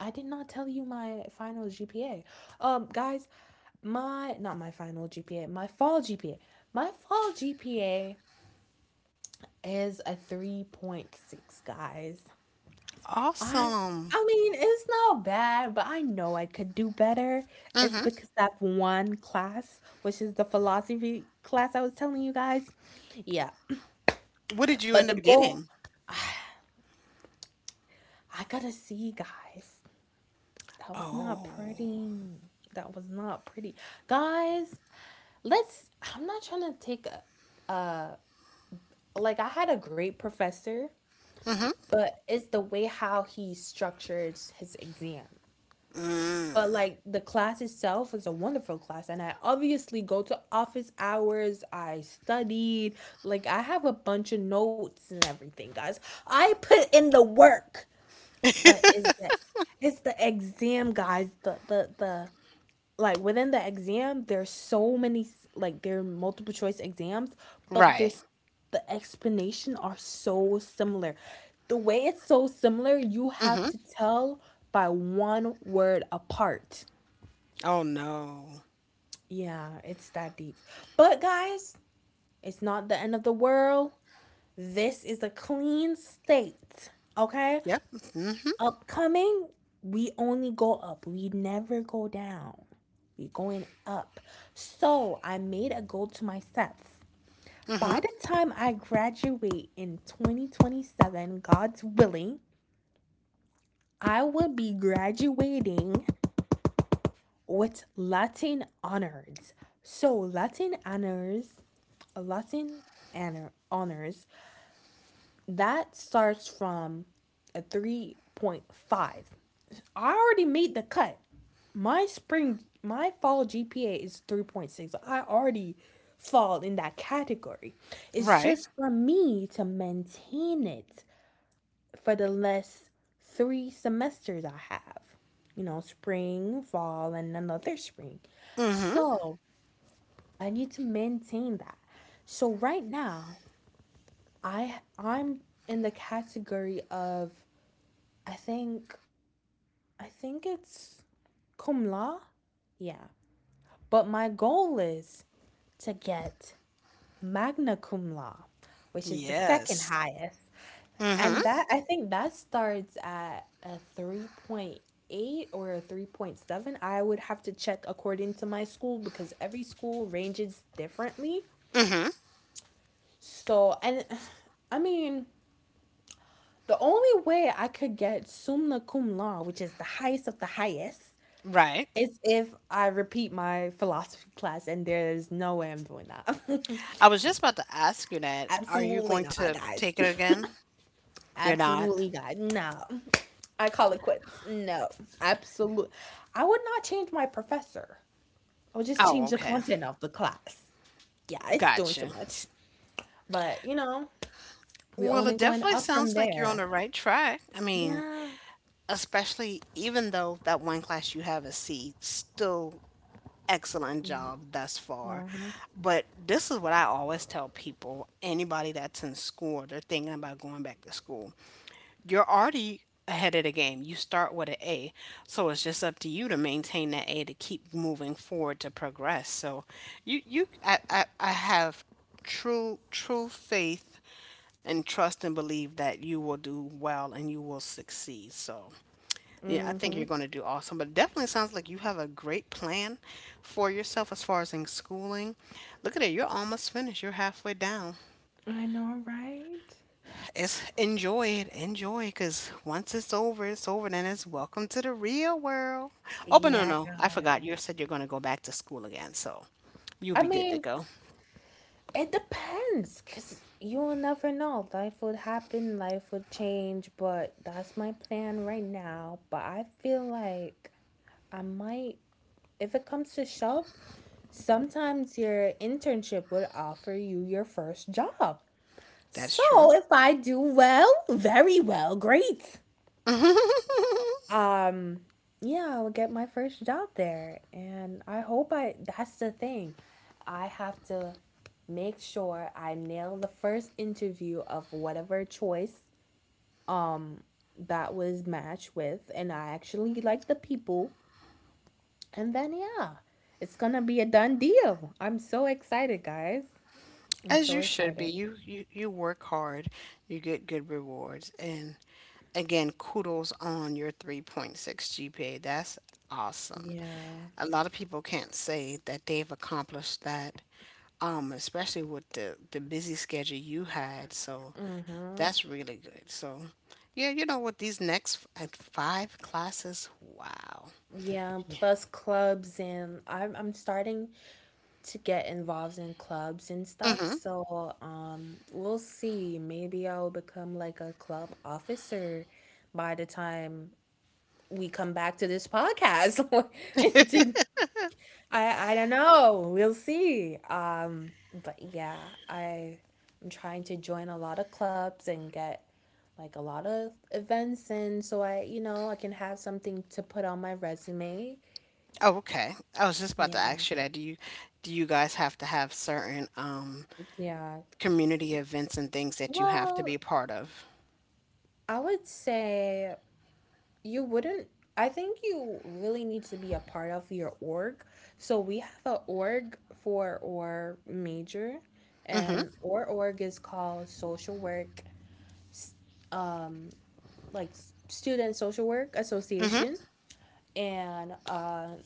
[SPEAKER 2] I did not tell you my final GPA, um guys. My, not my final G P A, my fall G P A. My fall G P A is a three point six, guys. I
[SPEAKER 1] Awesome.
[SPEAKER 2] I mean, it's not bad, but I know I could do better. It's
[SPEAKER 1] Mm-hmm.
[SPEAKER 2] because that one class, which is the philosophy class I was telling you guys. Yeah.
[SPEAKER 1] What did you
[SPEAKER 2] But
[SPEAKER 1] end
[SPEAKER 2] the
[SPEAKER 1] up
[SPEAKER 2] goal
[SPEAKER 1] getting?
[SPEAKER 2] I got to see, guys. That was not
[SPEAKER 1] Oh.
[SPEAKER 2] pretty. That was not pretty. Guys, let's I'm not trying to take a, a like I had a great professor,
[SPEAKER 1] Mm-hmm.
[SPEAKER 2] but it's the way how he structured his exam.
[SPEAKER 1] Mm,
[SPEAKER 2] But like the class itself was a wonderful class, and I obviously go to office hours. I studied, like I have a bunch of notes and everything, guys. I put in the work. But is that it's the exam, guys. The the the Like within the exam there's so many, like there are multiple choice exams, but
[SPEAKER 1] right.
[SPEAKER 2] there's the explanation are so similar, the way it's so similar you have
[SPEAKER 1] Mm-hmm.
[SPEAKER 2] to tell by one word apart.
[SPEAKER 1] Oh no.
[SPEAKER 2] Yeah, it's that deep. But guys, it's not the end of the world. This is a clean state, okay.
[SPEAKER 1] Yep. Mm-hmm.
[SPEAKER 2] Upcoming, we only go up, we never go down. You're going up. So I made a goal to myself.
[SPEAKER 1] Mm-hmm.
[SPEAKER 2] By the time I graduate in twenty twenty-seven, God's willing, I will be graduating with Latin honors. So Latin honors, Latin honor honors, that starts from a three point five. I already made the cut. My spring, my fall G P A is three point six. I already fall in that category. It's
[SPEAKER 1] Right.
[SPEAKER 2] just for me to maintain it for the last three semesters I have. You know, spring, fall, and another spring.
[SPEAKER 1] Mm-hmm.
[SPEAKER 2] So I need to maintain that. So right now, I I'm in the category of I think I think it's cum laude. Yeah. But my goal is to get magna cum laude, which is the second
[SPEAKER 1] Yes.
[SPEAKER 2] highest. And
[SPEAKER 1] Mm-hmm.
[SPEAKER 2] that I think that starts at a three point eight or a three point seven. I would have to check according to my school, because every school ranges differently.
[SPEAKER 1] Mm-hmm.
[SPEAKER 2] So, and I mean, the only way I could get summa cum laude, which is the highest of the highest,
[SPEAKER 1] Right.
[SPEAKER 2] is if I repeat my philosophy class, and there's no way I'm doing that.
[SPEAKER 1] I was just about to ask you that. Are you
[SPEAKER 2] Absolutely
[SPEAKER 1] going
[SPEAKER 2] not,
[SPEAKER 1] to
[SPEAKER 2] guys.
[SPEAKER 1] take it again? You're not.
[SPEAKER 2] Absolutely not. No. I call it quits. No. Absolutely. I would not change my professor, I would just
[SPEAKER 1] Oh,
[SPEAKER 2] change the
[SPEAKER 1] okay.
[SPEAKER 2] content of the class. Yeah, it's doing
[SPEAKER 1] Gotcha.
[SPEAKER 2] too much. But, you know, we
[SPEAKER 1] Well, it
[SPEAKER 2] only going
[SPEAKER 1] definitely
[SPEAKER 2] up from
[SPEAKER 1] sounds like you're on
[SPEAKER 2] there.
[SPEAKER 1] the right track. I mean,
[SPEAKER 2] Yeah.
[SPEAKER 1] especially even though that one class you have is C, still excellent
[SPEAKER 2] Yeah.
[SPEAKER 1] job thus far.
[SPEAKER 2] Mm-hmm.
[SPEAKER 1] But this is what I always tell people, anybody that's in school, they're thinking about going back to school, you're already ahead of the game. You start with an A. So it's just up to you to maintain that A to keep moving forward to progress. So you you I, I, I have true true faith and trust and believe that you will do well and you will succeed. So yeah, I think
[SPEAKER 2] Mm-hmm.
[SPEAKER 1] you're going to do awesome. But it definitely sounds like you have a great plan for yourself as far as in schooling. Look at it, you're almost finished. You're halfway down.
[SPEAKER 2] I know, right?
[SPEAKER 1] It's enjoy it, enjoy because once it's over it's over, then it's welcome to the real world. Oh, but no
[SPEAKER 2] Yeah,
[SPEAKER 1] no I forgot you
[SPEAKER 2] guys.
[SPEAKER 1] said you're going to go back to school again, so
[SPEAKER 2] I
[SPEAKER 1] you'll be good to
[SPEAKER 2] mean,
[SPEAKER 1] go.
[SPEAKER 2] it depends, cause you'll never know. Life would happen, life would change, but that's my plan right now. But I feel like I might, if it comes to shove, sometimes your internship would offer you your first job.
[SPEAKER 1] That's
[SPEAKER 2] So
[SPEAKER 1] true.
[SPEAKER 2] if I do well, very well, great. um yeah, I'll get my first job there, and I hope I that's the thing. I have to make sure I nail the first interview of whatever choice, um that was matched with, and I actually like the people. And then yeah, it's gonna be a done deal. I'm so excited, guys. I'm
[SPEAKER 1] As
[SPEAKER 2] so
[SPEAKER 1] you should be.
[SPEAKER 2] excited.
[SPEAKER 1] You you you work hard, you get good rewards, and again, kudos on your three point six G P A. That's awesome.
[SPEAKER 2] Yeah.
[SPEAKER 1] A lot of people can't say that they've accomplished that, um, especially with the the busy schedule you had. So
[SPEAKER 2] Mm-hmm.
[SPEAKER 1] that's really good. So yeah, you know what? These next f- at five classes, wow.
[SPEAKER 2] Yeah,
[SPEAKER 1] Yeah.
[SPEAKER 2] plus clubs. And i'm I'm starting to get involved in clubs and stuff.
[SPEAKER 1] Mm-hmm.
[SPEAKER 2] So, um, we'll see. Maybe I'll become like a club officer by the time we come back to this podcast. Indeed. I I don't know. We'll see. Um, but yeah, I I'm trying to join a lot of clubs and get like a lot of events in, so I, you know, I can have something to put on my resume.
[SPEAKER 1] Oh, okay. I was just about to
[SPEAKER 2] Yeah.
[SPEAKER 1] ask you that. Do you do you guys have to have certain um?
[SPEAKER 2] Yeah.
[SPEAKER 1] community events and things that you have to
[SPEAKER 2] Well,
[SPEAKER 1] be part of.
[SPEAKER 2] I would say you wouldn't I think you really need to be a part of your org. So we have an org for our major, and our org is called Social Work S- um like S- Student Social Work Association. And uh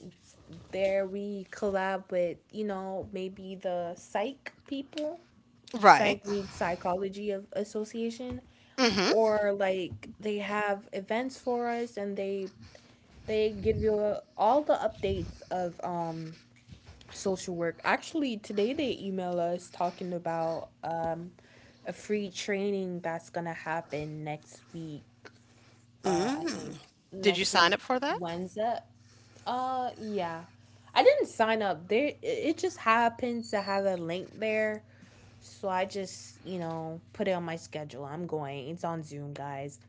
[SPEAKER 2] there we collab with, you know, maybe the psych people,
[SPEAKER 1] Right.
[SPEAKER 2] psych means psychology of association, or like they have events for us, and they they give you uh, all the updates of um social work. Actually, today they email us talking about um a free training that's gonna happen next week. Uh, I think
[SPEAKER 1] Mm. Did you
[SPEAKER 2] next week
[SPEAKER 1] sign up for that?
[SPEAKER 2] Wednesday. Uh, yeah. I didn't sign up. There, it it just happens to have a link there, so I just, you know, put it on my schedule. I'm going. It's on Zoom, guys.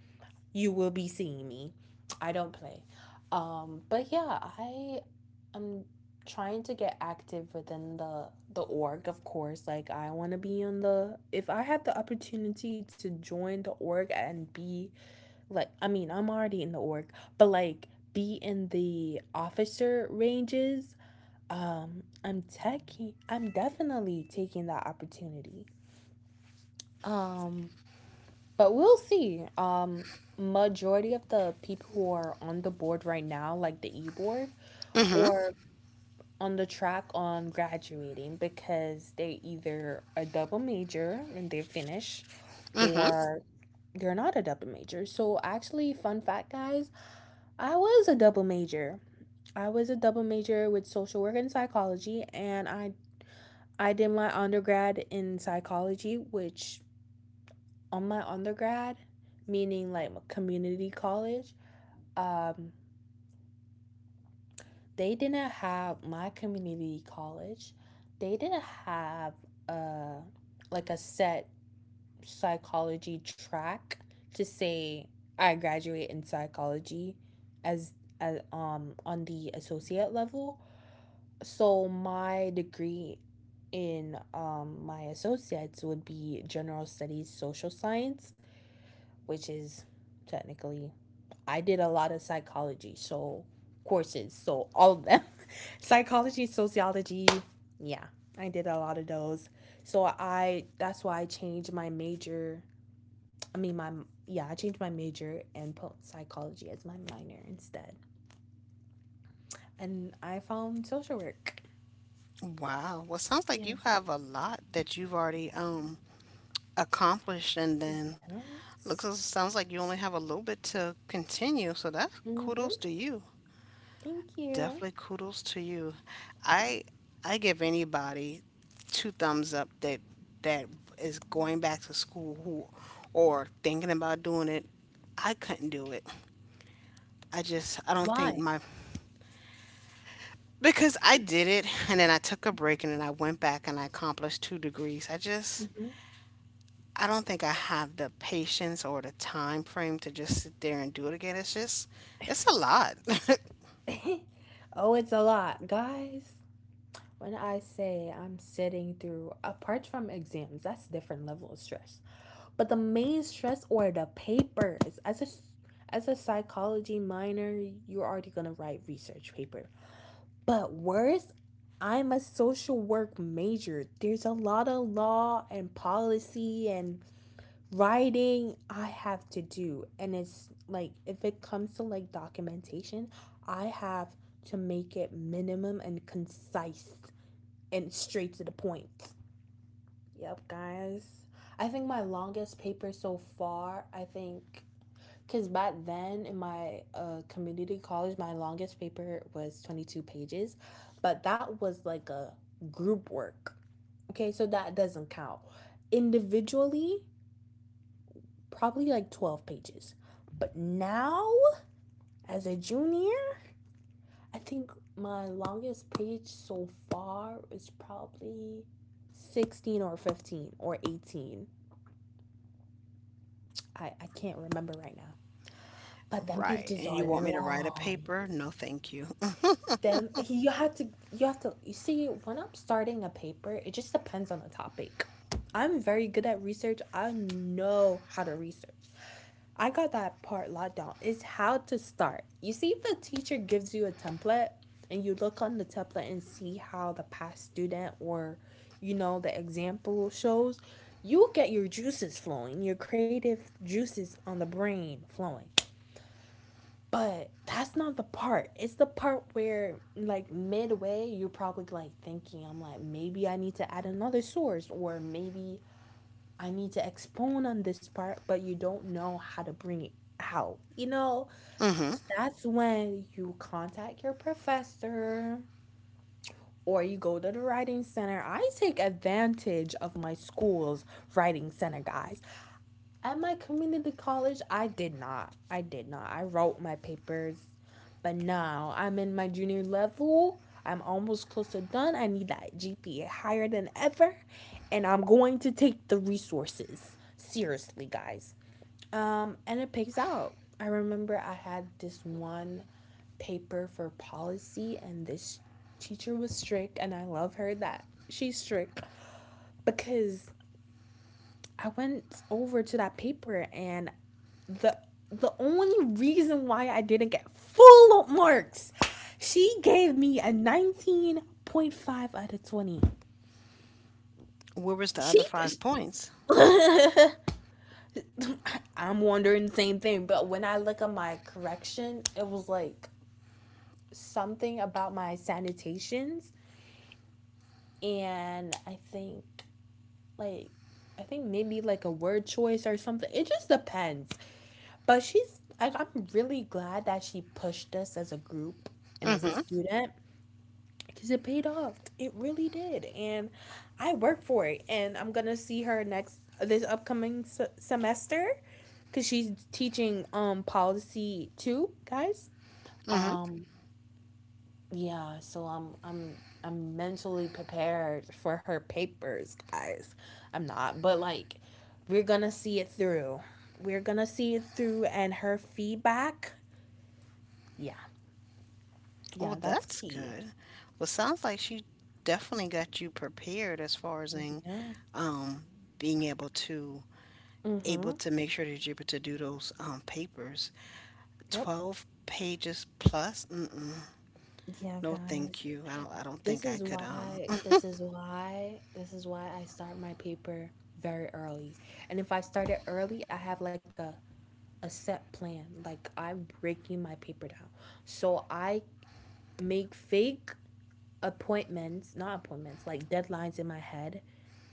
[SPEAKER 2] You will be seeing me. I don't play. Um, but yeah, I am trying to get active within the the org, of course. Like I want to be on the if I have the opportunity to join the org and be like I mean, I'm already in the org, but like be in the officer ranges, um, I'm techie. I'm definitely taking that opportunity. Um, but we'll see. Um, majority of the people who are on the board right now, like the e-board,
[SPEAKER 1] Mm-hmm.
[SPEAKER 2] or on the track on graduating because they either a double major and they finish,
[SPEAKER 1] Mm-hmm.
[SPEAKER 2] or they're not a double major. So actually, fun fact, guys, I was a double major. I was a double major with social work and psychology, and I I did my undergrad in psychology, which on my undergrad, meaning like my community college, um, they didn't have my community college. They didn't have a like a set psychology track to say I graduate in psychology as, as um, on the associate level. So my degree in, um, my associates would be general studies social science, which is technically I did a lot of psychology, so courses, so all of them. Psychology, sociology, yeah. I did a lot of those. So I that's why I changed my major. I mean my, yeah, I changed my major and put psychology as my minor instead. And I found social work.
[SPEAKER 1] Wow. Well, sounds like you
[SPEAKER 2] Yeah.
[SPEAKER 1] have a lot that you've already um accomplished, and then looks
[SPEAKER 2] Yes.
[SPEAKER 1] as- sounds like you only have a little bit to continue. So that's kudos
[SPEAKER 2] Mhm.
[SPEAKER 1] to you.
[SPEAKER 2] Thank you.
[SPEAKER 1] Definitely kudos to you. I I give anybody two thumbs up that that is going back to school who or thinking about doing it. I couldn't do it. I just I don't think
[SPEAKER 2] Why?
[SPEAKER 1] my because I did it and then I took a break and then I went back and I accomplished two degrees. I just
[SPEAKER 2] Mhm.
[SPEAKER 1] I don't think I have the patience or the time frame to just sit there and do it again. It's just it's a lot.
[SPEAKER 2] Oh, it's a lot, guys. When I say I'm sitting through, apart from exams, that's different level of stress. But the main stress or the papers, as a as a psychology minor, you're already gonna write research paper. But worse, I'm a social work major. There's a lot of law and policy and writing I have to do, and it's like if it comes to like documentation, I have to make it minimum and concise and straight to the point. Yep, guys. I think my longest paper so far, I think, because back then in my uh, community college, my longest paper was twenty-two pages, but that was like a group work. Okay, so that doesn't count. Individually, probably like twelve pages. But now, as a junior, I think my longest page so far is probably sixteen or fifteen or eighteen. I, I can't remember right now. But them
[SPEAKER 1] Right.
[SPEAKER 2] pages
[SPEAKER 1] And you
[SPEAKER 2] are
[SPEAKER 1] want me to write a
[SPEAKER 2] long.
[SPEAKER 1] paper? No, thank you.
[SPEAKER 2] Them you have to you have to you see, when I'm starting a paper, it just depends on the topic. I'm very good at research. I know how to research. I got that part locked down. It's how to start. You see, if the teacher gives you a template and you look on the template and see how the past student, or, you know, the example shows, you'll get your juices flowing, your creative juices on the brain flowing. But that's not the part. It's the part where, like, midway, you're probably like thinking, I'm like, maybe I need to add another source, or maybe I need to expound on this part, but you don't know how to bring it out. You know,
[SPEAKER 1] Mhm.
[SPEAKER 2] so that's when you contact your professor, or you go to the writing center. I take advantage of my school's writing center, guys. At my community college, I did not. I did not. I wrote my papers, but now I'm in my junior level. I'm almost close to done. I need that G P A higher than ever, and I'm going to take the resources seriously, guys. Um, and it pays out. I remember I had this one paper for policy, and this teacher was strict, and I love her that she's strict, because I went over to that paper and the the only reason why I didn't get full marks, she gave me a nineteen point five out of twenty.
[SPEAKER 1] Where was the
[SPEAKER 2] She
[SPEAKER 1] other five points?
[SPEAKER 2] I'm wondering the same thing, but when I look at my correction, it was like something about my sanitations, and I think like I think maybe like a word choice or something. It just depends. But she's like, I'm really glad that she pushed us as a group and as a
[SPEAKER 1] Mhm.
[SPEAKER 2] student, because it paid off. It really did, and I worked for it. And I'm gonna see her next, uh, this upcoming se- semester, cause she's teaching, um, policy too, guys.
[SPEAKER 1] Mhm.
[SPEAKER 2] Um, yeah. So I'm I'm I'm mentally prepared for her papers, guys. I'm not, but like, we're gonna see it through. We're gonna see it through, and her feedback. Yeah, yeah,
[SPEAKER 1] Well,
[SPEAKER 2] that's
[SPEAKER 1] that's
[SPEAKER 2] key.
[SPEAKER 1] good. Well, sounds like she definitely got you prepared as far as in
[SPEAKER 2] Yeah.
[SPEAKER 1] um being able to able
[SPEAKER 2] Mhm.
[SPEAKER 1] to make sure that you're able to do those um, papers.
[SPEAKER 2] Yep.
[SPEAKER 1] twelve pages plus? Mm-mm.
[SPEAKER 2] Yeah,
[SPEAKER 1] No,
[SPEAKER 2] guys.
[SPEAKER 1] thank you. I don't, I don't
[SPEAKER 2] This
[SPEAKER 1] think I
[SPEAKER 2] is
[SPEAKER 1] could. Um,
[SPEAKER 2] why, this is why, this is why I start my paper very early. And if I start it early, I have like a, a set plan. Like I'm breaking my paper down. So I make fake appointments, not appointments, like deadlines in my head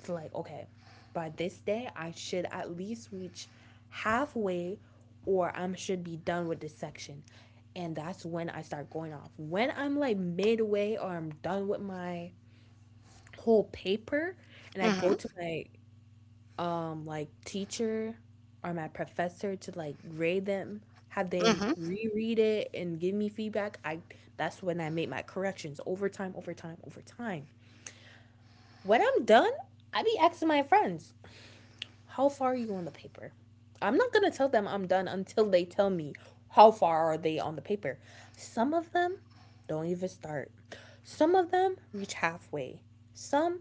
[SPEAKER 2] to like, okay, by this day, I should at least reach halfway or I should be done with this section. And that's when I start going off. When I'm like midway or I'm done with my whole paper and I
[SPEAKER 1] mm-hmm,
[SPEAKER 2] go to my um like teacher or my professor to like grade them, have them
[SPEAKER 1] mm-hmm.
[SPEAKER 2] reread it and give me feedback. I That's when I make my corrections over time, over time, over time. When I'm done, I be asking my friends. How far are you on the paper? I'm not going to tell them I'm done until they tell me how far are they on the paper. Some of them don't even start. Some of them reach halfway. Some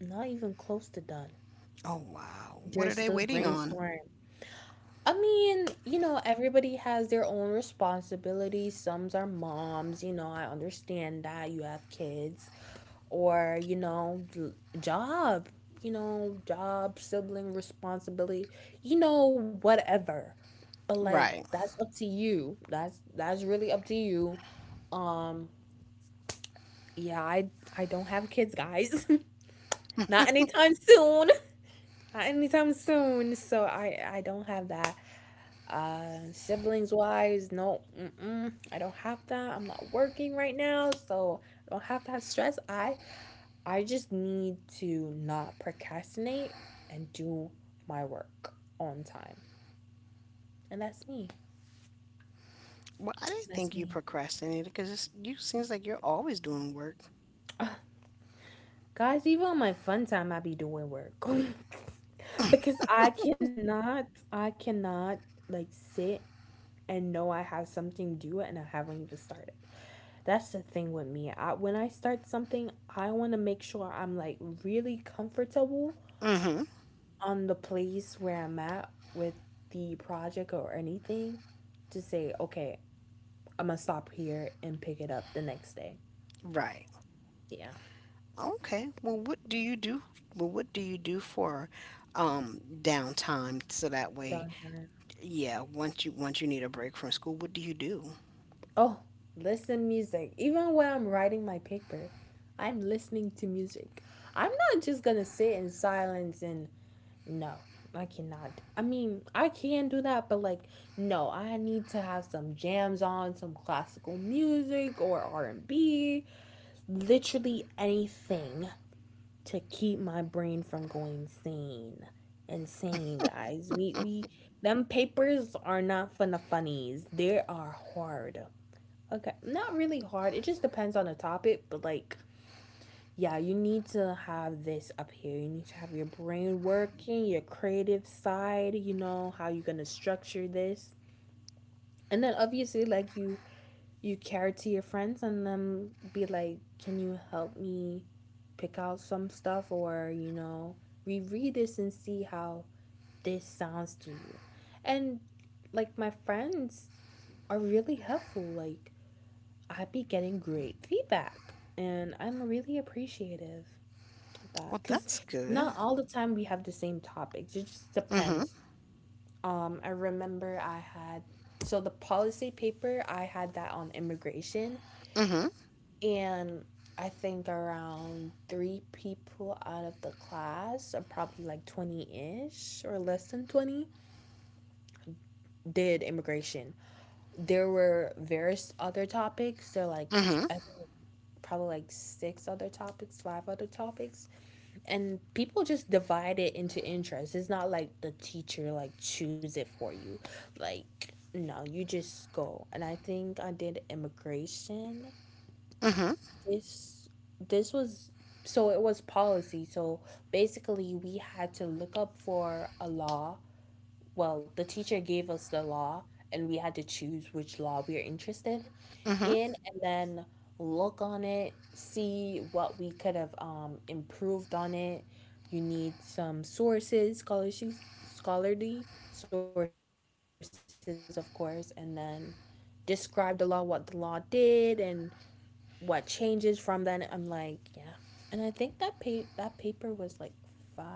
[SPEAKER 2] not even close to done.
[SPEAKER 1] Oh, wow. What
[SPEAKER 2] They're
[SPEAKER 1] are they
[SPEAKER 2] still
[SPEAKER 1] waiting on?
[SPEAKER 2] brainstorming. I mean, you know, everybody has their own responsibilities. Some are moms, you know, I understand that you have kids or you know, job, you know, job, sibling responsibility, you know, whatever, but like
[SPEAKER 1] Right.
[SPEAKER 2] that's up to you. That's that's really up to you. um yeah, i i don't have kids, guys. Not anytime soon, not anytime soon, so i i don't have that. Uh siblings wise, no, mm-mm, I don't have that. I'm not working right now, so I don't have that stress. i I just need to not procrastinate and do my work on time. And that's me.
[SPEAKER 1] Well, I didn't
[SPEAKER 2] That's
[SPEAKER 1] think you
[SPEAKER 2] me.
[SPEAKER 1] procrastinated because you seems like you're always doing work.
[SPEAKER 2] Uh, Guys, even on my fun time, I be doing work. Because I cannot, I cannot like sit and know I have something due and I haven't even started. That's the thing with me. I, when I start something, I want to make sure I'm like really comfortable
[SPEAKER 1] Mm-hmm.
[SPEAKER 2] on the place where I'm at with the project or anything to say, okay, I'm gonna stop here and pick it up the next day.
[SPEAKER 1] Right.
[SPEAKER 2] Yeah.
[SPEAKER 1] Okay. Well, what do you do? Well, what do you do for um downtime so that way,
[SPEAKER 2] Downtime.
[SPEAKER 1] yeah, once you once you need a break from school, what do you do?
[SPEAKER 2] Oh, listen music. Even when I'm writing my paper, I'm listening to music. I'm not just gonna sit in silence and no, I cannot. I mean, I can do that, but like, no, I need to have some jams on, some classical music or R and B, literally anything to keep my brain from going sane. Insane, guys. We we them papers are not for the funnies. They are hard. Okay, not really hard. It just depends on the topic, but like yeah, you need to have this up here. You need to have your brain working, your creative side, you know, how you're going to structure this. And then obviously like you you care to your friends and then be like, can you help me pick out some stuff or, you know, reread this and see how this sounds to you. And like my friends are really helpful. Like I'd be getting great feedback and I'm really appreciative of that
[SPEAKER 1] Well,
[SPEAKER 2] because
[SPEAKER 1] that's good.
[SPEAKER 2] not all the time we have the same topics. It just
[SPEAKER 1] Mm-hmm.
[SPEAKER 2] depends. Um, I remember I had, so the policy paper I had that on immigration.
[SPEAKER 1] Mhm.
[SPEAKER 2] And I think around three people out of the class, or probably like twenty ish or less than twenty, did immigration. There were various other topics. There were like,
[SPEAKER 1] Mhm.
[SPEAKER 2] I think probably like six other topics, five other topics. And people just divide it into interests. It's not like the teacher like choose it for you. Like, no, you just go. And I think I did immigration.
[SPEAKER 1] Mhm.
[SPEAKER 2] this this was, so it was policy, so basically we had to look up for a law, well, the teacher gave us the law, and we had to choose which law we are interested
[SPEAKER 1] Mhm.
[SPEAKER 2] in, and then look on it, see what we could have um, improved on it. You need some sources, scholarly, scholarly sources, of course, and then describe the law, what the law did and what changes from then. I'm like, yeah. And I think that pa- that paper was like five,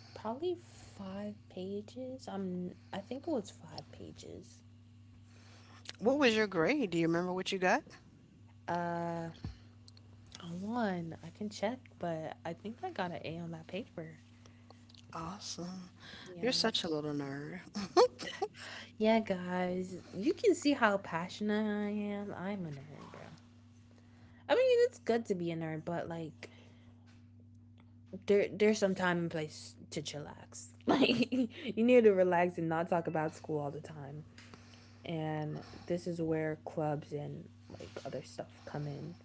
[SPEAKER 2] probably five pages. I'm I think it was five pages.
[SPEAKER 1] What was your grade? Do you remember what you got?
[SPEAKER 2] Uh, on one I can check, but I think I got an A on that paper.
[SPEAKER 1] Awesome. You're
[SPEAKER 2] Yeah.
[SPEAKER 1] such a little nerd.
[SPEAKER 2] Yeah, guys, you can see how passionate I am. I'm a nerd, bro. I mean, it's good to be a nerd, but like there there's some time and place to chillax. Like you need to relax and not talk about school all the time. And this is where clubs and like other stuff come in.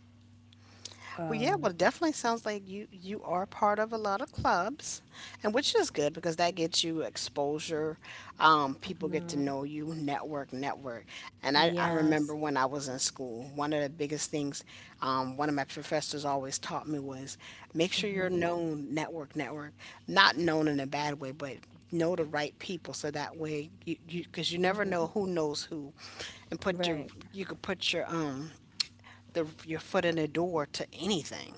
[SPEAKER 1] Well, yeah, well,
[SPEAKER 2] Um,
[SPEAKER 1] it definitely sounds like you you are part of a lot of clubs, and which is good because that gets you exposure. Um, people get to
[SPEAKER 2] mhm.
[SPEAKER 1] know you, network, network. And I, I remember
[SPEAKER 2] Yes.
[SPEAKER 1] when I was in school, one of the biggest things um, one of my professors always taught me was make sure you're
[SPEAKER 2] Hmm.
[SPEAKER 1] known, network, network. Not known in a bad way, but know the right people so that way you you because you never know who
[SPEAKER 2] Hmm.
[SPEAKER 1] knows who, and put your
[SPEAKER 2] Right.
[SPEAKER 1] you could put your um the your foot in the door to anything.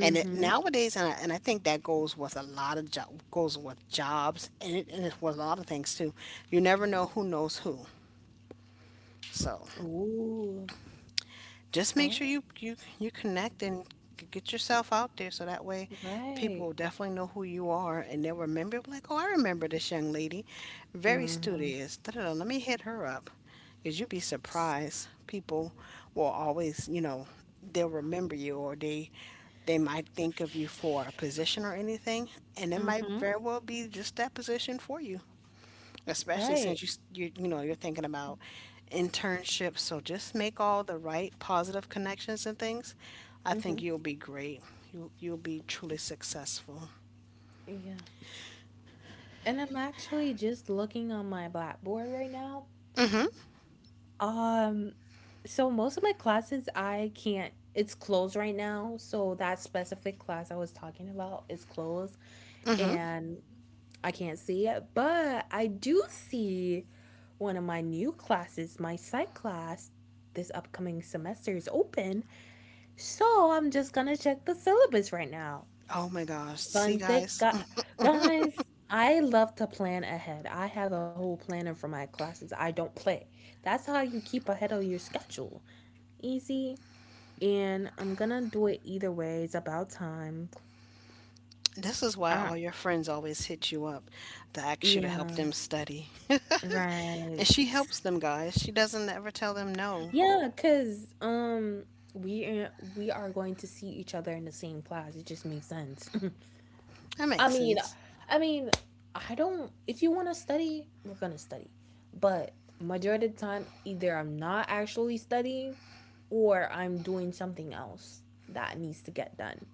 [SPEAKER 1] And it, nowadays, and I, and I think that goes with a lot of job goes with jobs, and it, and it's with a lot of things too. You never know who knows who. So
[SPEAKER 2] Ooh.
[SPEAKER 1] just make
[SPEAKER 2] Oh,
[SPEAKER 1] sure you you you connect and g- get yourself out there so that way people
[SPEAKER 2] right.
[SPEAKER 1] will definitely know who you are and they'll remember like, oh, I remember this young lady, very
[SPEAKER 2] Hmm.
[SPEAKER 1] studious, da-da-da, let me hit her up because you'd be surprised, people will always, you know, they'll remember you or they they might think of you for a position or anything, and it might
[SPEAKER 2] Hmm.
[SPEAKER 1] very well be just that position for you, especially
[SPEAKER 2] Right.
[SPEAKER 1] since you s- you you know you're thinking about internships. So just make all the right positive connections and things. I think
[SPEAKER 2] Hmm.
[SPEAKER 1] you'll be great. You you'll be truly successful.
[SPEAKER 2] Yeah. And I'm actually just looking on my blackboard right now. Um, so most of my classes I can't, it's closed right now. So that specific class I was talking about is closed,
[SPEAKER 1] Hmm.
[SPEAKER 2] and I can't see it, but I do see one of my new classes, my psych class this upcoming semester is open. So I'm just going to check the syllabus right now.
[SPEAKER 1] Oh my gosh. See
[SPEAKER 2] Fun thing,
[SPEAKER 1] guys,
[SPEAKER 2] gu- Guys, I love to plan ahead. I have a whole planner for my classes. I don't play. That's how you keep ahead of your schedule, easy, and I'm gonna do it either way. It's about time.
[SPEAKER 1] this is why
[SPEAKER 2] I
[SPEAKER 1] all your friends always hit you up to ask you to help
[SPEAKER 2] Yeah,
[SPEAKER 1] them study.
[SPEAKER 2] right.
[SPEAKER 1] And she helps them guys. She doesn't ever tell them no.
[SPEAKER 2] Yeah, cuz um we are, we are going to see each other in the same class. It just makes sense.
[SPEAKER 1] That
[SPEAKER 2] I
[SPEAKER 1] makes
[SPEAKER 2] mean,
[SPEAKER 1] sense.
[SPEAKER 2] I mean, I don't if you want to study, we're going to study. But majority of the time either I'm not actually studying or I'm doing something else that needs to get done.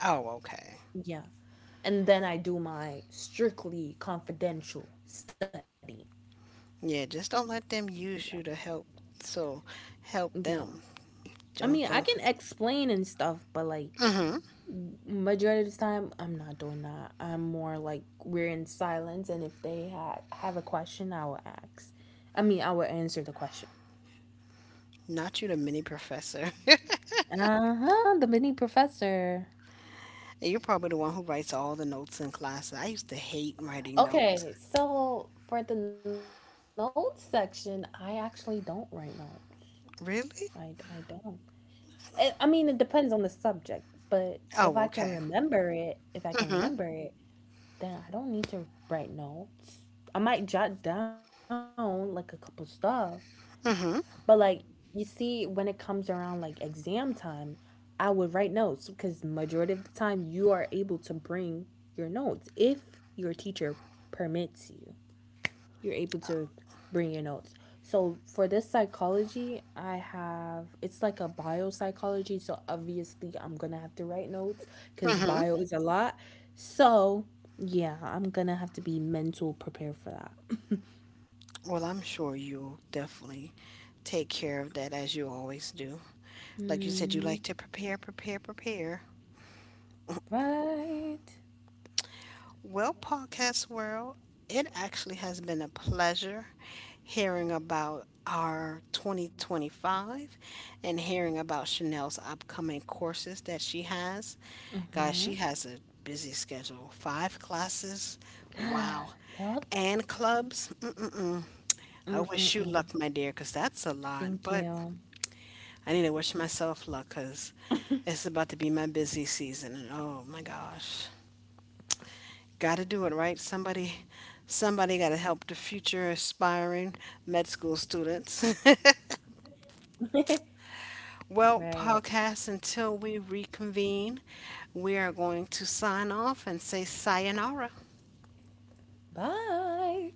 [SPEAKER 1] Oh, okay.
[SPEAKER 2] Yeah. And then I do my strictly confidential study.
[SPEAKER 1] Yeah, just don't let them
[SPEAKER 2] Yeah.
[SPEAKER 1] use you to help. So help
[SPEAKER 2] Yeah.
[SPEAKER 1] them.
[SPEAKER 2] I
[SPEAKER 1] Don't
[SPEAKER 2] mean, I
[SPEAKER 1] don't.
[SPEAKER 2] can explain and stuff, but like
[SPEAKER 1] Mm-hmm.
[SPEAKER 2] majority of the time I'm not doing that. I'm more like we're in silence and if they ha- have a question, I will ask. I mean, I will answer the question.
[SPEAKER 1] Not you, the mini professor.
[SPEAKER 2] Uh-huh, the mini professor.
[SPEAKER 1] You're probably the one who writes all the notes in class. I used to hate writing notes.
[SPEAKER 2] Okay, so for the notes section, I actually don't write notes. I I
[SPEAKER 1] Really?
[SPEAKER 2] don't. I I mean, it depends on the subject, but if I
[SPEAKER 1] Oh,
[SPEAKER 2] can
[SPEAKER 1] okay.
[SPEAKER 2] remember it, if I can
[SPEAKER 1] Mm-hmm.
[SPEAKER 2] remember it, then I don't need to write notes. I might jot down like a couple stuff, but
[SPEAKER 1] Mm-hmm.
[SPEAKER 2] like you see, when it comes around like exam time, I would write notes because majority of the time you are able to bring your notes if your teacher permits you, you're able to bring your notes. So for this psychology, I have, it's like a bio psychology. So obviously I'm gonna have to write notes because bio is a lot. So yeah, I'm gonna have to be mental prepared for that.
[SPEAKER 1] Well, I'm sure you'll definitely take care of that as you always do. Like you said, you
[SPEAKER 2] Mm,
[SPEAKER 1] like to prepare, prepare, prepare.
[SPEAKER 2] right.
[SPEAKER 1] Well, Podcast World, it actually has been a pleasure hearing about our twenty twenty-five and hearing about Chanel's upcoming courses that she has. Guys,
[SPEAKER 2] Mm-hmm.
[SPEAKER 1] she has a busy schedule, five classes, wow,
[SPEAKER 2] yep.
[SPEAKER 1] and clubs. Mm-mm-mm. I wish you
[SPEAKER 2] Mm-mm-mm.
[SPEAKER 1] luck, my dear, 'cause that's a lot.
[SPEAKER 2] Thank
[SPEAKER 1] But
[SPEAKER 2] you.
[SPEAKER 1] I need to wish myself luck 'cause it's about to be my busy season. And oh my gosh. Got to do it right. Somebody, somebody got to help the future aspiring med school students. Well,
[SPEAKER 2] right.
[SPEAKER 1] podcast. Until we reconvene, we are going to sign off and say sayonara.
[SPEAKER 2] Bye.